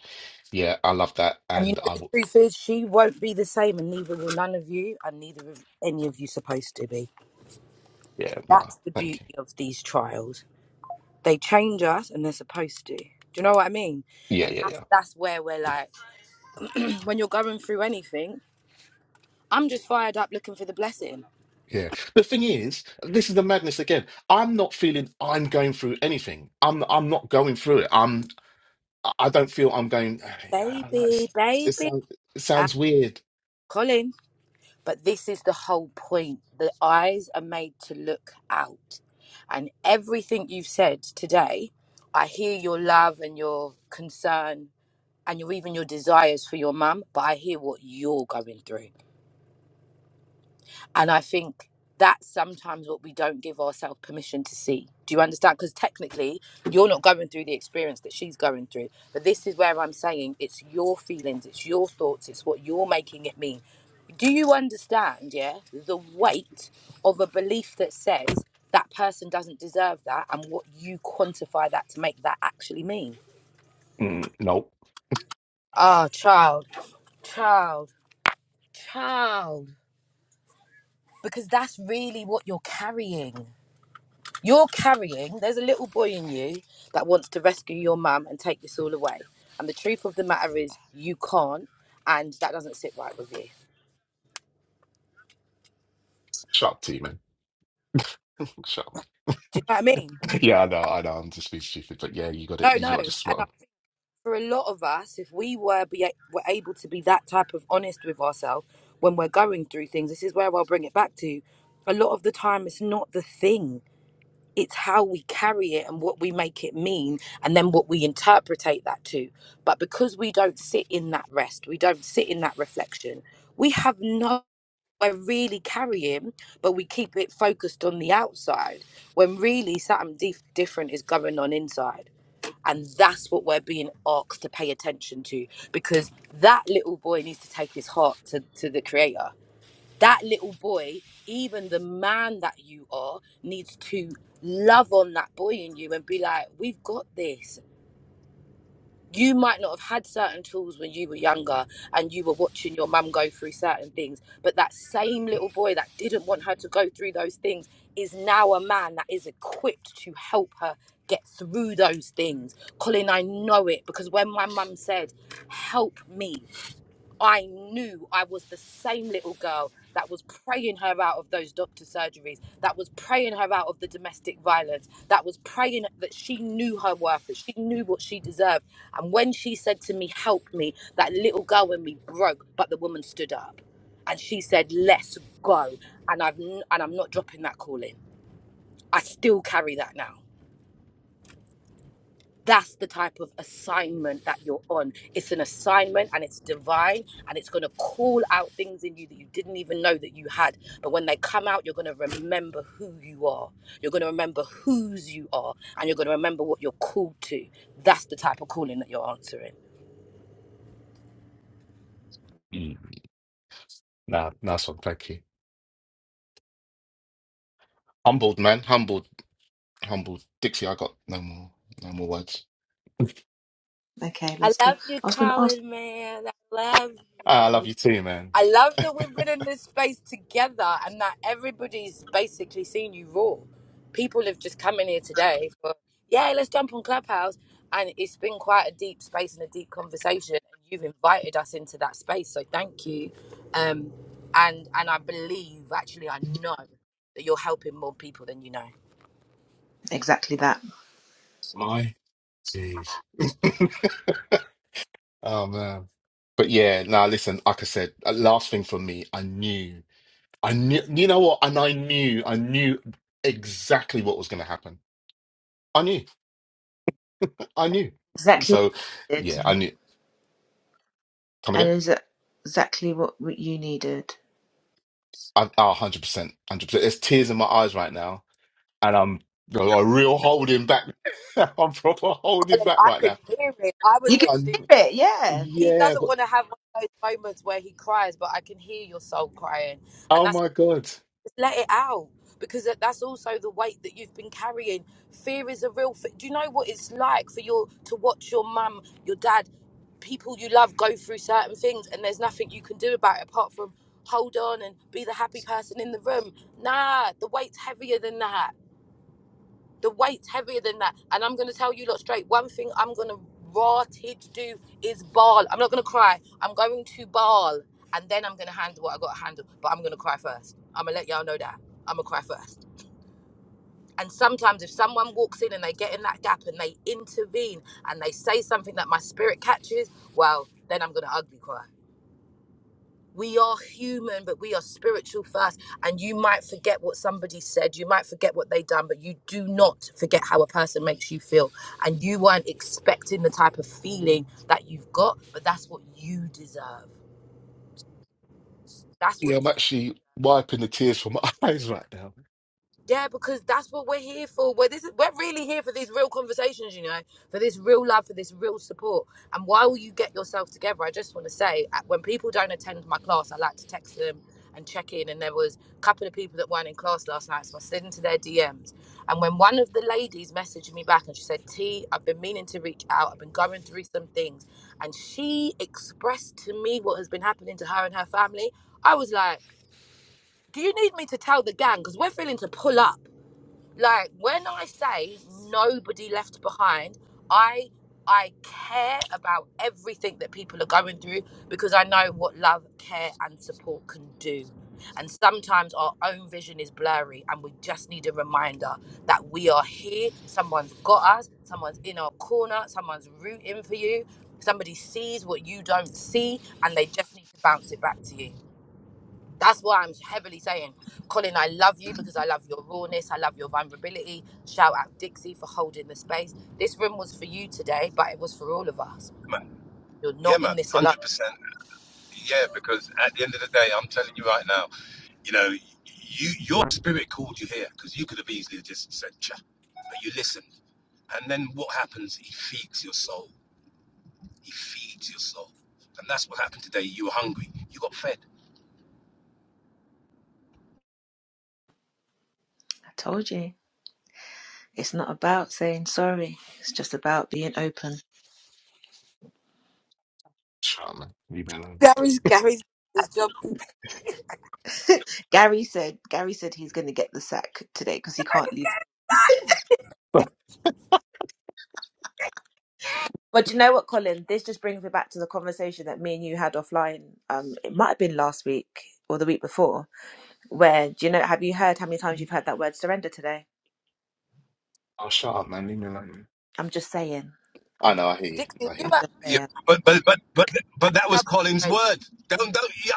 yeah, I love that And you and know I the will truth is, she won't be the same, and neither will none of you, and neither of any of you supposed to be. yeah, no, That's the thank beauty you. of these trials. They change us, and they're supposed to. Do you know what I mean? Yeah, And yeah, yeah. that's that's where we're like, when you're going through anything, I'm just fired up looking for the blessing, Yeah. The thing is, this is the madness again. I'm not feeling I'm going through anything. I'm I'm not going through it. I'm I don't feel I'm going. I don't know, baby, it's- it baby. sounds it Ah, sounds weird. Colin, but this is the whole point. The eyes are made to look out, and everything you've said today, I hear your love and your concern and your even your desires for your mum, but I hear what you're going through. And I think that's sometimes what we don't give ourselves permission to see. Do you understand? Because technically, you're not going through the experience that she's going through. But this is where I'm saying it's your feelings, it's your thoughts, it's what you're making it mean. Do you understand, yeah, the weight of a belief that says that person doesn't deserve that and what you quantify that to make that actually mean? Mm, nope. Ah, child, child, child. because that's really what you're carrying. You're carrying, there's a little boy in you that wants to rescue your mum and take this all away. And the truth of the matter is, you can't, and that doesn't sit right with you. Shut up, T man. Shut up. Do you know what I mean? Yeah, I know. I know. I'm just being stupid, but yeah, you got it. No, You no. got to And just spot I on. think for a lot of us, if we were, be, were able to be that type of honest with ourselves when we're going through things, this is where I'll bring it back to. A lot of the time, it's not the thing it's how we carry it and what we make it mean and then what we interpretate that to but because we don't sit in that rest we don't sit in that reflection we have no we're really carrying but we keep it focused on the outside when really something dif- different is going on inside and that's what we're being asked to pay attention to because that little boy needs to take his heart to, to the creator that little boy, even the man that you are, needs to love on that boy in you and be like, we've got this. You might not have had certain tools when you were younger and you were watching your mum go through certain things, but that same little boy that didn't want her to go through those things is now a man that is equipped to help her get through those things. Colin, I know it because when my mum said, Help me, I knew I was the same little girl that was praying her out of those doctor surgeries, that was praying her out of the domestic violence, that was praying that she knew her worth, that she knew what she deserved. And when she said to me, Help me, that little girl in me broke, but the woman stood up and she said, Let's go. And I've n- and I'm not dropping that calling. I still carry that now that's the type of assignment that you're on. It's an assignment and it's divine and it's going to call out things in you that you didn't even know that you had. But when they come out, you're going to remember who you are. You're going to remember whose you are and you're going to remember what you're called to. That's the type of calling that you're answering. Mm. Nah, nice one. Thank you. Humbled, man. Humbled. Humbled. Dixie, I got no more. No more words. okay I let's go love you, i was going to ask Colin, man. I love Ah, I love you. you too, man. I love that we've been in this space together and that everybody's basically seen you raw. People have just come in here today for, yeah, let's jump on Clubhouse. And it's been quite a deep space and a deep conversation. And you've invited us into that space. So thank you. Um, and and I believe, actually, I know that you're helping more people than you know. exactly that My, jeez. Oh man. But yeah, now listen, like I said, uh, last thing for me, I knew. I knew, you know what? And I knew, I knew exactly what was going to happen. I knew, I knew. exactly what So you did yeah, I knew. Come and again? is it exactly what, what you needed I, oh, 100%, 100%. There's tears in my eyes right now, and I'm a real holding back. I'm proper holding Colin, back I right could now. hear it. I was you can literally, hear And it yeah he yeah, doesn't but want to have one of those moments where he cries, but I can hear your soul crying. and oh that's. my God. Just let it out because that- that's also the weight that you've been carrying. Fear is a real. F- Do you know what it's like for your to watch your mum, your dad, people you love go through certain things, and there's nothing you can do about it apart from hold on and be the happy person in the room. Nah, the weight's heavier than that the weight's heavier than that. And I'm gonna tell you lot straight, one thing I'm gonna rotted do is bawl. I'm not gonna cry. I'm going to bawl and then I'm gonna handle what I gotta handle. But I'm gonna cry first. I'm gonna let y'all know that. I'm gonna cry first. And sometimes if someone walks in and they get in that gap and they intervene and they say something that my spirit catches, well, then I'm gonna ugly cry we are human but we are spiritual first and you might forget what somebody said you might forget what they done but you do not forget how a person makes you feel and you weren't expecting the type of feeling that you've got but that's what you deserve that's what Yeah, you I'm actually wiping the tears from my eyes right now. Yeah, because that's what we're here for. We're this we're really here for these real conversations, you know, for this real love, for this real support. And while you get yourself together, I just want to say, uh, when people don't attend my class, I like to text them and check in. And there was a couple of people that weren't in class last night, so I slid into their DMs. And when one of the ladies messaged me back and she said, "T, I've been meaning to reach out. I've been going through some things," and she expressed to me what has been happening to her and her family, I was like, "Do you need me to tell the gang? Because we're feeling to pull up." like when I say nobody left behind, I I care about everything that people are going through because I know what love, care, and support can do. And sometimes our own vision is blurry, and we just need a reminder that we are here. Someone's got us. Someone's in our corner. Someone's rooting for you. Somebody sees what you don't see, and they just need to bounce it back to you. That's why I'm heavily saying, Colin, I love you because I love your rawness. I love your vulnerability. Shout out Dixie for holding the space. This room was for you today, but it was for all of us. Man, You're yeah, not in man, this alone. hundred percent. Yeah, because at the end of the day, I'm telling you right now, you know, you your spirit called you here because you could have easily just said, "Cha," but you listened. And then what happens? He feeds your soul. He feeds your soul. And that's what happened today. You were hungry. You got fed. i told you it's not about saying sorry it's just about being open Shut up, man. Leave me alone. Gary's Gary's his job. Gary said Gary said he's going to get the sack today because he can't leave. But you know what, Colin? This just brings me back to the conversation that me and you had offline. Um, it might have been last week or the week before. Where do you know? Have you heard how many times you've heard that word surrender today? Oh, shut up, man. Leave me alone. I'm just saying. I know, I hear you. Dixie, I hear you I'm you. are just Yeah, saying. but but but but but that was another Colin's friend. word. Don't don't yeah,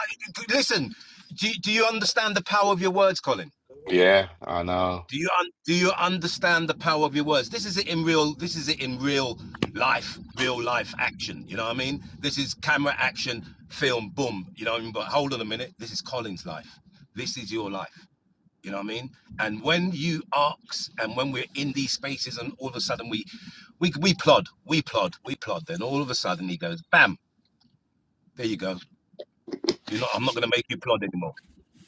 listen. Do, you, do you understand the power of your words, Colin? Yeah, I know. Do you un, do you understand the power of your words? This is it in real. This is it in real life. Real life action. You know what I mean? This is camera action, film, boom. You know what I mean? But hold on a minute. This is Colin's life. This is your life. You know what I mean? And when you ask, and when we're in these spaces, and all of a sudden we, we we plod, we plod, we plod. Then all of a sudden he goes, bam, there you go. You're not. I'm not going to make you plod anymore.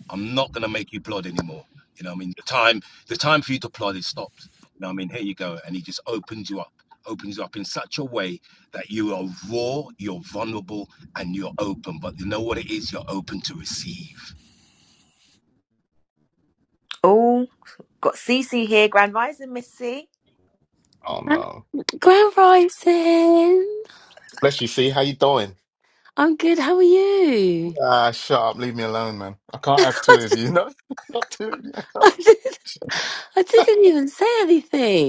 I'm not going to make you plod anymore. You know what I mean? The time, the time for you to plod is stopped. You know what I mean? Here you go, and he just opens you up, opens you up in such a way that you are raw, you're vulnerable, and you're open. But you know what it is? You're open to receive. Oh, got Cece here, Grand Rising Miss C. Oh, Hi, no. Grand Rising! Bless you, see? How you doing? I'm good, how are you? Ah, shut up. Leave me alone, man. I can't have I, two of d- you. No, not two of you. I I can't. d- I didn't even say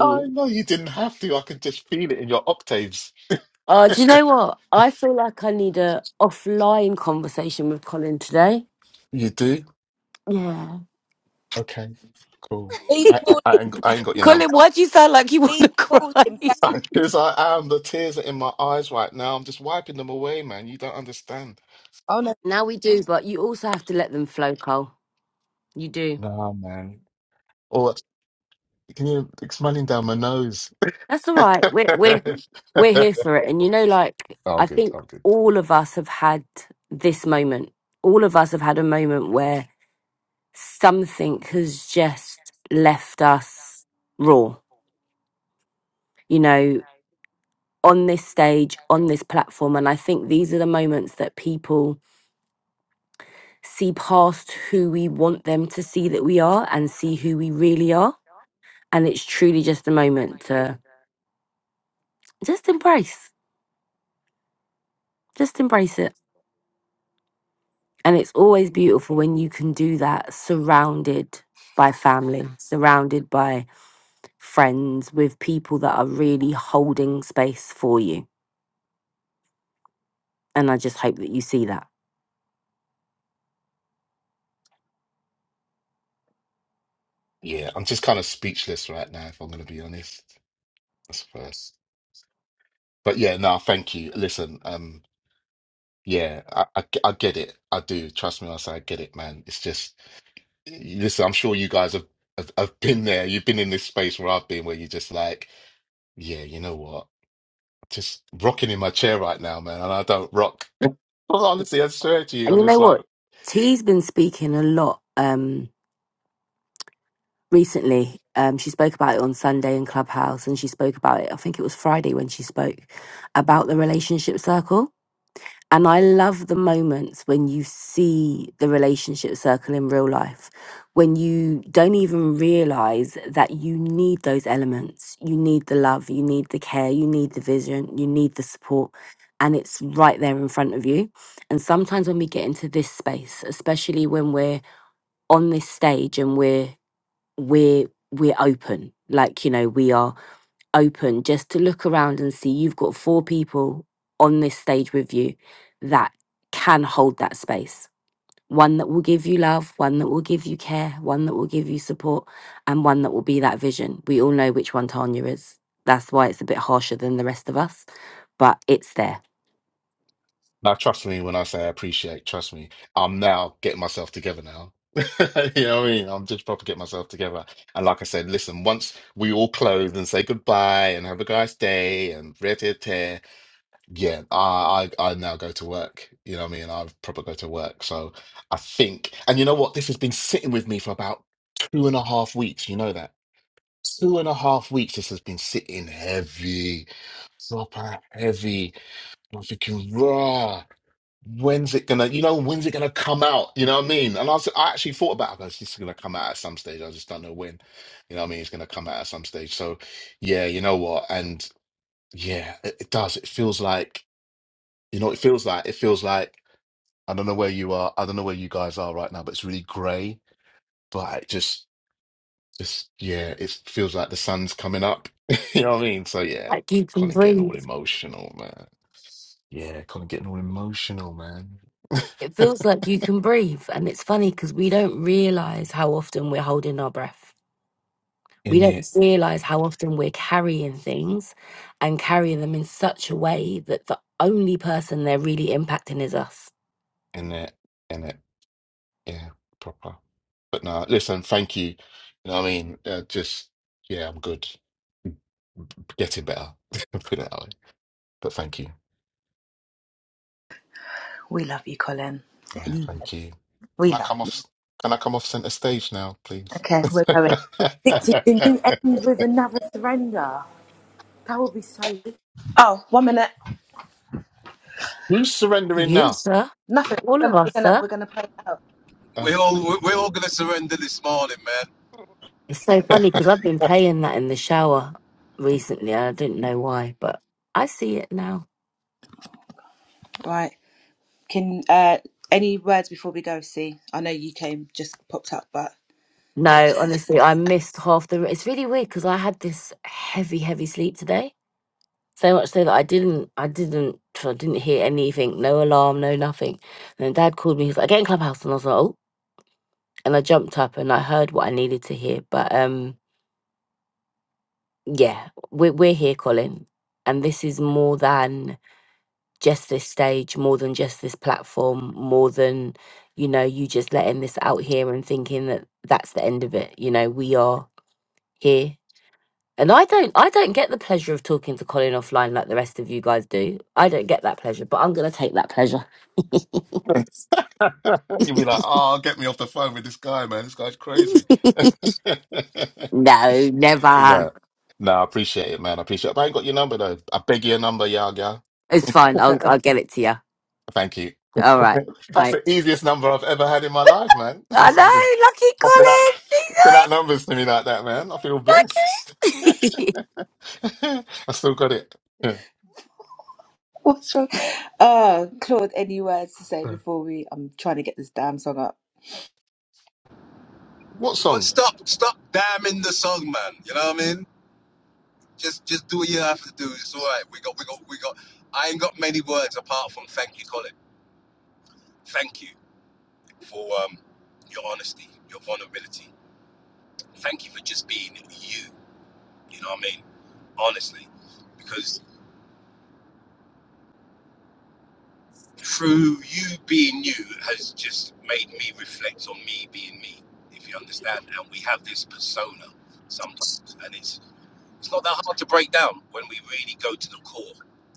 I know you didn't have to. I could just feel it in your octaves. Oh, do you know what? I feel like I need a offline conversation with Colin today. You do? Yeah. Okay, cool. Leave I, I, Paul. I, ain't, I ain't got your number. Colin, why do you sound like you want Leave to Paul cry? in fact. Because I am. The tears are in my eyes right now. I'm just wiping them away, man. You don't understand. Oh no, now we do, but you also have to let them flow, Cole. You do. Nah, man. Or can you, it's running down my nose. That's all right. We're we're we're here for it. And you know, like Oh, I'm I good. think I'm good. all of us have had this moment. All of us have had a moment where something has just left us raw, you know, on this stage, on this platform. And I think these are the moments that people see past who we want them to see that we are and see who we really are. And it's truly just a moment to just embrace, just embrace it. And it's always beautiful when you can do that surrounded by family, surrounded by friends, with people that are really holding space for you And I just hope that you see that. Yeah, I'm just kind of speechless right now, if I'm going to be honest. That's first. But yeah, no, thank you. Listen, um, yeah, I, I, I get it. I do. Trust me when I say I get it, man. It's just, listen, I'm sure you guys have, have, have been there. You've been in this space where I've been, where you're just like, yeah, you know what? Just rocking in my chair right now, man. And I don't rock. Honestly, I swear to you, And I'm you know just like, what? T's been speaking a lot um, recently. Um, she spoke about it on Sunday in Clubhouse, and she spoke about it. I think it was Friday when she spoke about the relationship circle. And I love the moments when you see the relationship circle in real life, when you don't even realize that you need those elements. You need the love, you need the care, you need the vision, you need the support, and it's right there in front of you. And sometimes when we get into this space, especially when we're on this stage and we're we're we're open, like you know, we are open just to look around and see you've got four people on this stage with you that can hold that space. One that will give you love, one that will give you care, one that will give you support, and one that will be that vision. We all know which one Tanya is. That's why it's a bit harsher than the rest of us, but it's there. Now, trust me when I say I appreciate, trust me, I'm now getting myself together now. You know what I mean? I'm just proper getting myself together. And like I said, listen, once we all close and say goodbye and have a nice day and re te tear, yeah, I, I I now go to work. You know what I mean? I proper go to work. So I think, and you know what? This has been sitting with me for about two and a half weeks. You know that? Two and a half weeks. This has been sitting heavy, proper heavy. I'm thinking, raw when's it gonna, you know, when's it gonna come out? You know what I mean? And I was, I actually thought about it. I was, It's gonna come out at some stage. I just don't know when. You know what I mean? It's gonna come out at some stage. So, yeah, you know what? And yeah, it, it does. It feels like, you know, what it feels like. It feels like I don't know where you are. I don't know where you guys are right now, but it's really grey. But it just, just yeah, it feels like the sun's coming up. you know what I mean? So yeah, like you can Colin getting breathe. all emotional, man. Yeah, Colin getting all emotional, man. It feels like you can breathe. And it's funny because we don't realize how often we're holding our breath. We in it. don't realize how often we're carrying things and carrying them in such a way that the only person they're really impacting is us. in it in it yeah proper but no listen thank you you know what i mean uh, just yeah i'm good getting better put it that way but thank you We love you, Colin. yeah Anyway, thank you we can i love. come You. off can i come off center stage now please Okay, we're going. Dixie, can you end with another surrender? That would be so. Oh, one minute. who's surrendering You, now sir. Nothing. All We're of gonna we're us, gonna, sir. we're gonna play it out. oh We're all we're okay all gonna surrender this morning, man. It's so funny because I've been playing that in the shower recently and I didn't know why, but I see it now. Right. Can uh, any words before we go, see? I know you came just popped up, but No, honestly, I missed half the. It's really weird because I had this heavy, heavy sleep today So much so that I didn't, I didn't, so I didn't hear anything. No alarm, no nothing. And then Dad called me. He's like, "Get in clubhouse," and I was like, "Oh!" And I jumped up and I heard what I needed to hear. But um, yeah, we're we're here, Colin, and this is more than just this stage, more than just this platform, more than you know, you just letting this out here and thinking that that's the end of it. You know, we are here. And I don't, I don't get the pleasure of talking to Colin offline like the rest of you guys do. I don't get that pleasure, but I'm gonna take that pleasure. you'll be like oh get me off the phone with this guy man this guy's crazy No, never. No, no, I appreciate it, man. I appreciate it. If I ain't got your number though. I beg your number, y'all, girl. It's fine. I'll I'll get it to you. Thank you. All right. That's Bye. the easiest number I've ever had in my life, man. I know. Someone just Lucky popping out, Colin. popping out numbers to me like that, man. I feel blessed. He's I so Lucky. still got it. what's wrong? Uh, Claude, any words to say Yeah. before we? I'm trying to get this damn song up. What But song? stop, stop damning the song, man. You know what I mean? Just, just do what you have to do. It's all right. We got, we got, we got. I ain't got many words apart from thank you, Colin. Thank you for um, your honesty, your vulnerability. Thank you for just being you. You know what I mean? Honestly, because through you being you has just made me reflect on me being me. If you understand, and we have this persona sometimes, and it's. It's not that hard to break down when we really go to the core.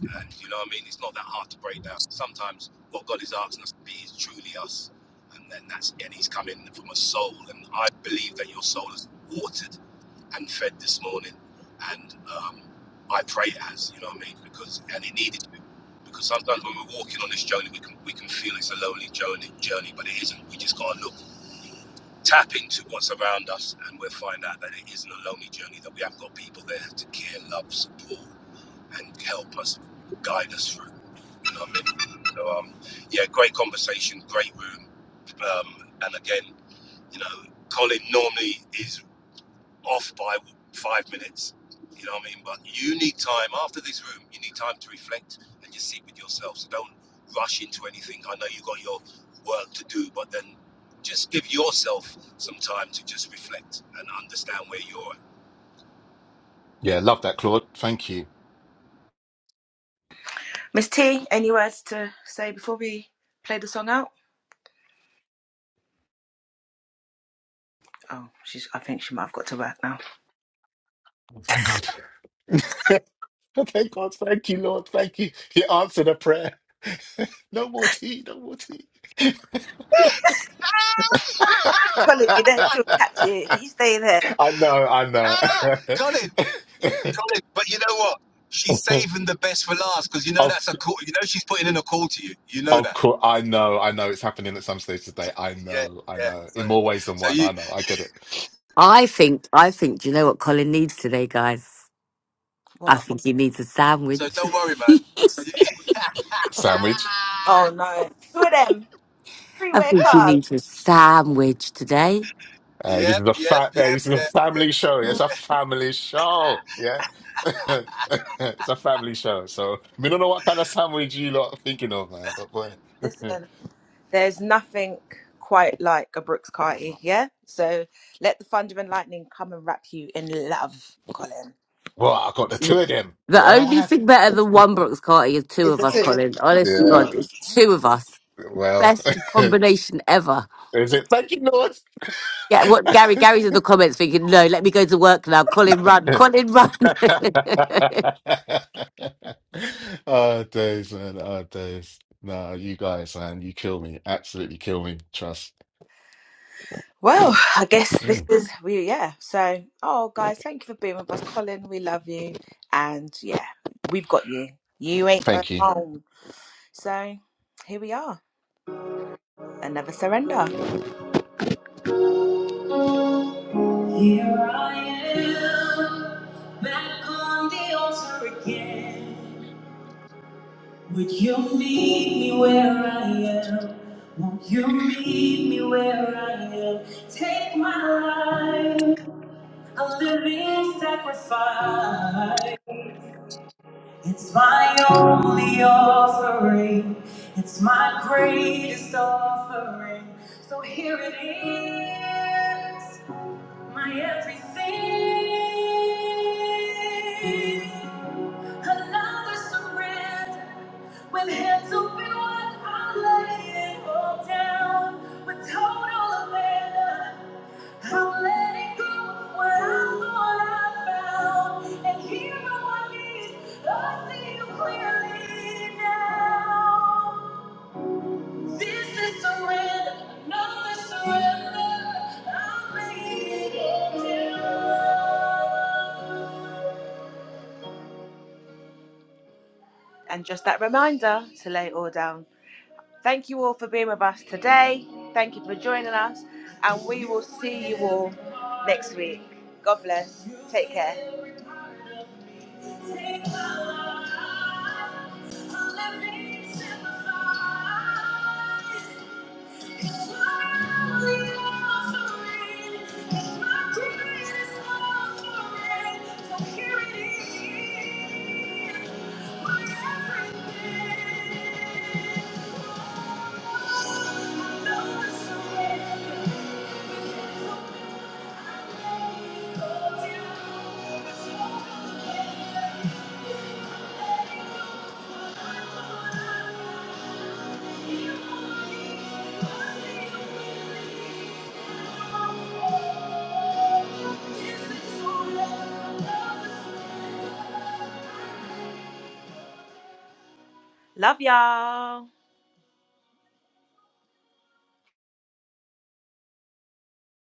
And you know what I mean? It's not that hard to break down. Sometimes what God is asking us to be is truly us. And then that's and he's coming from a soul. And I believe that your soul is watered and fed this morning. And um, I pray it has, you know what I mean? Because and it needed to be. because sometimes when we're walking on this journey we can we can feel it's a lonely journey journey, but it isn't. We just gotta look tap into what's around us and we'll find out that it isn't a lonely journey, that we have got people there to care, love, support, and help us, guide us through. You know what I mean? So, um, yeah, great conversation, great room. Um, and again, you know, Colin normally is off by five minutes. You know what I mean? But you need time after this room. You need time to reflect and just sit with yourself. So don't rush into anything. I know you got your work to do, but then just give yourself some time to just reflect and understand where you're. Yeah, love that, Claude. Thank you. Miss T, any words to say before we play the song out? Oh, she's. I think she might have got to work now. Thank God. Thank God. Thank you, Lord. Thank you. He answered a prayer. no more tea. No more tea. Colleague, you there? She'll catch you. You stay there. I know, I At. know. Ah, Colin, Colin. But you know what? She's saving the best for last because you know of that's a call. You know she's putting in a call to you. You know of that. course, I know, I know. It's happening at some stage today. I Yeah, know, I yeah. know. So, In more ways than so one. you. I know. I get it. I think. I think. Do you know what Colin needs today, guys? I What? think he needs a So sandwich. don't worry, man. Sandwich. Oh no. Two of them. Three I way think he call. needs a sandwich today. Hey, this Yep, is a yep, fa- hey, yep, this is a yep. family show. Yeah, It's a family show. Yeah. it's a family show. So we don't know what kind of sandwich you lot are thinking of, man. But boy, Listen. There's nothing quite like a Brooks Carty, yeah? So let the thunder and lightning come and wrap you in love, Colin. well, I got the two of them, The only bruh. thing better than one Brooks Carty is two It's of a us, Colin. Honest to Yeah. God, it's two of us. Well, Best combination ever. is it? Thank you, Yeah, what Gary? Lord. Gary's in the comments thinking, "No, let me go to work now." Colin, run! Colin, run! Oh, days, man. Oh, days. Nah, you guys, man, you kill me. Absolutely kill me. Trust. Well, I guess this Mm. is we yeah. So oh guys, thank you for being with us, Colin. We love you. And yeah, we've got you. You ain't Thank you. alone. So here we are. Another surrender. Here I am back on the altar again. Would you meet me where I am? Won't you meet me where I am? Take my life, a living sacrifice. It's my only offering. It's my greatest offering. So here it is my everything. Another surrender with hands open wide. I lay it all down with total abandon. I'm letting go of what I thought I found. And here on my knees, I see you clearly now. This is surrender, no surrender. I'm bringing it down. And just that reminder to lay it all down. Thank you all for being with us today. Thank you for joining us, and we will see you all next week. God bless. Take care. Take my life, I'll let me Thank you. Love y'all.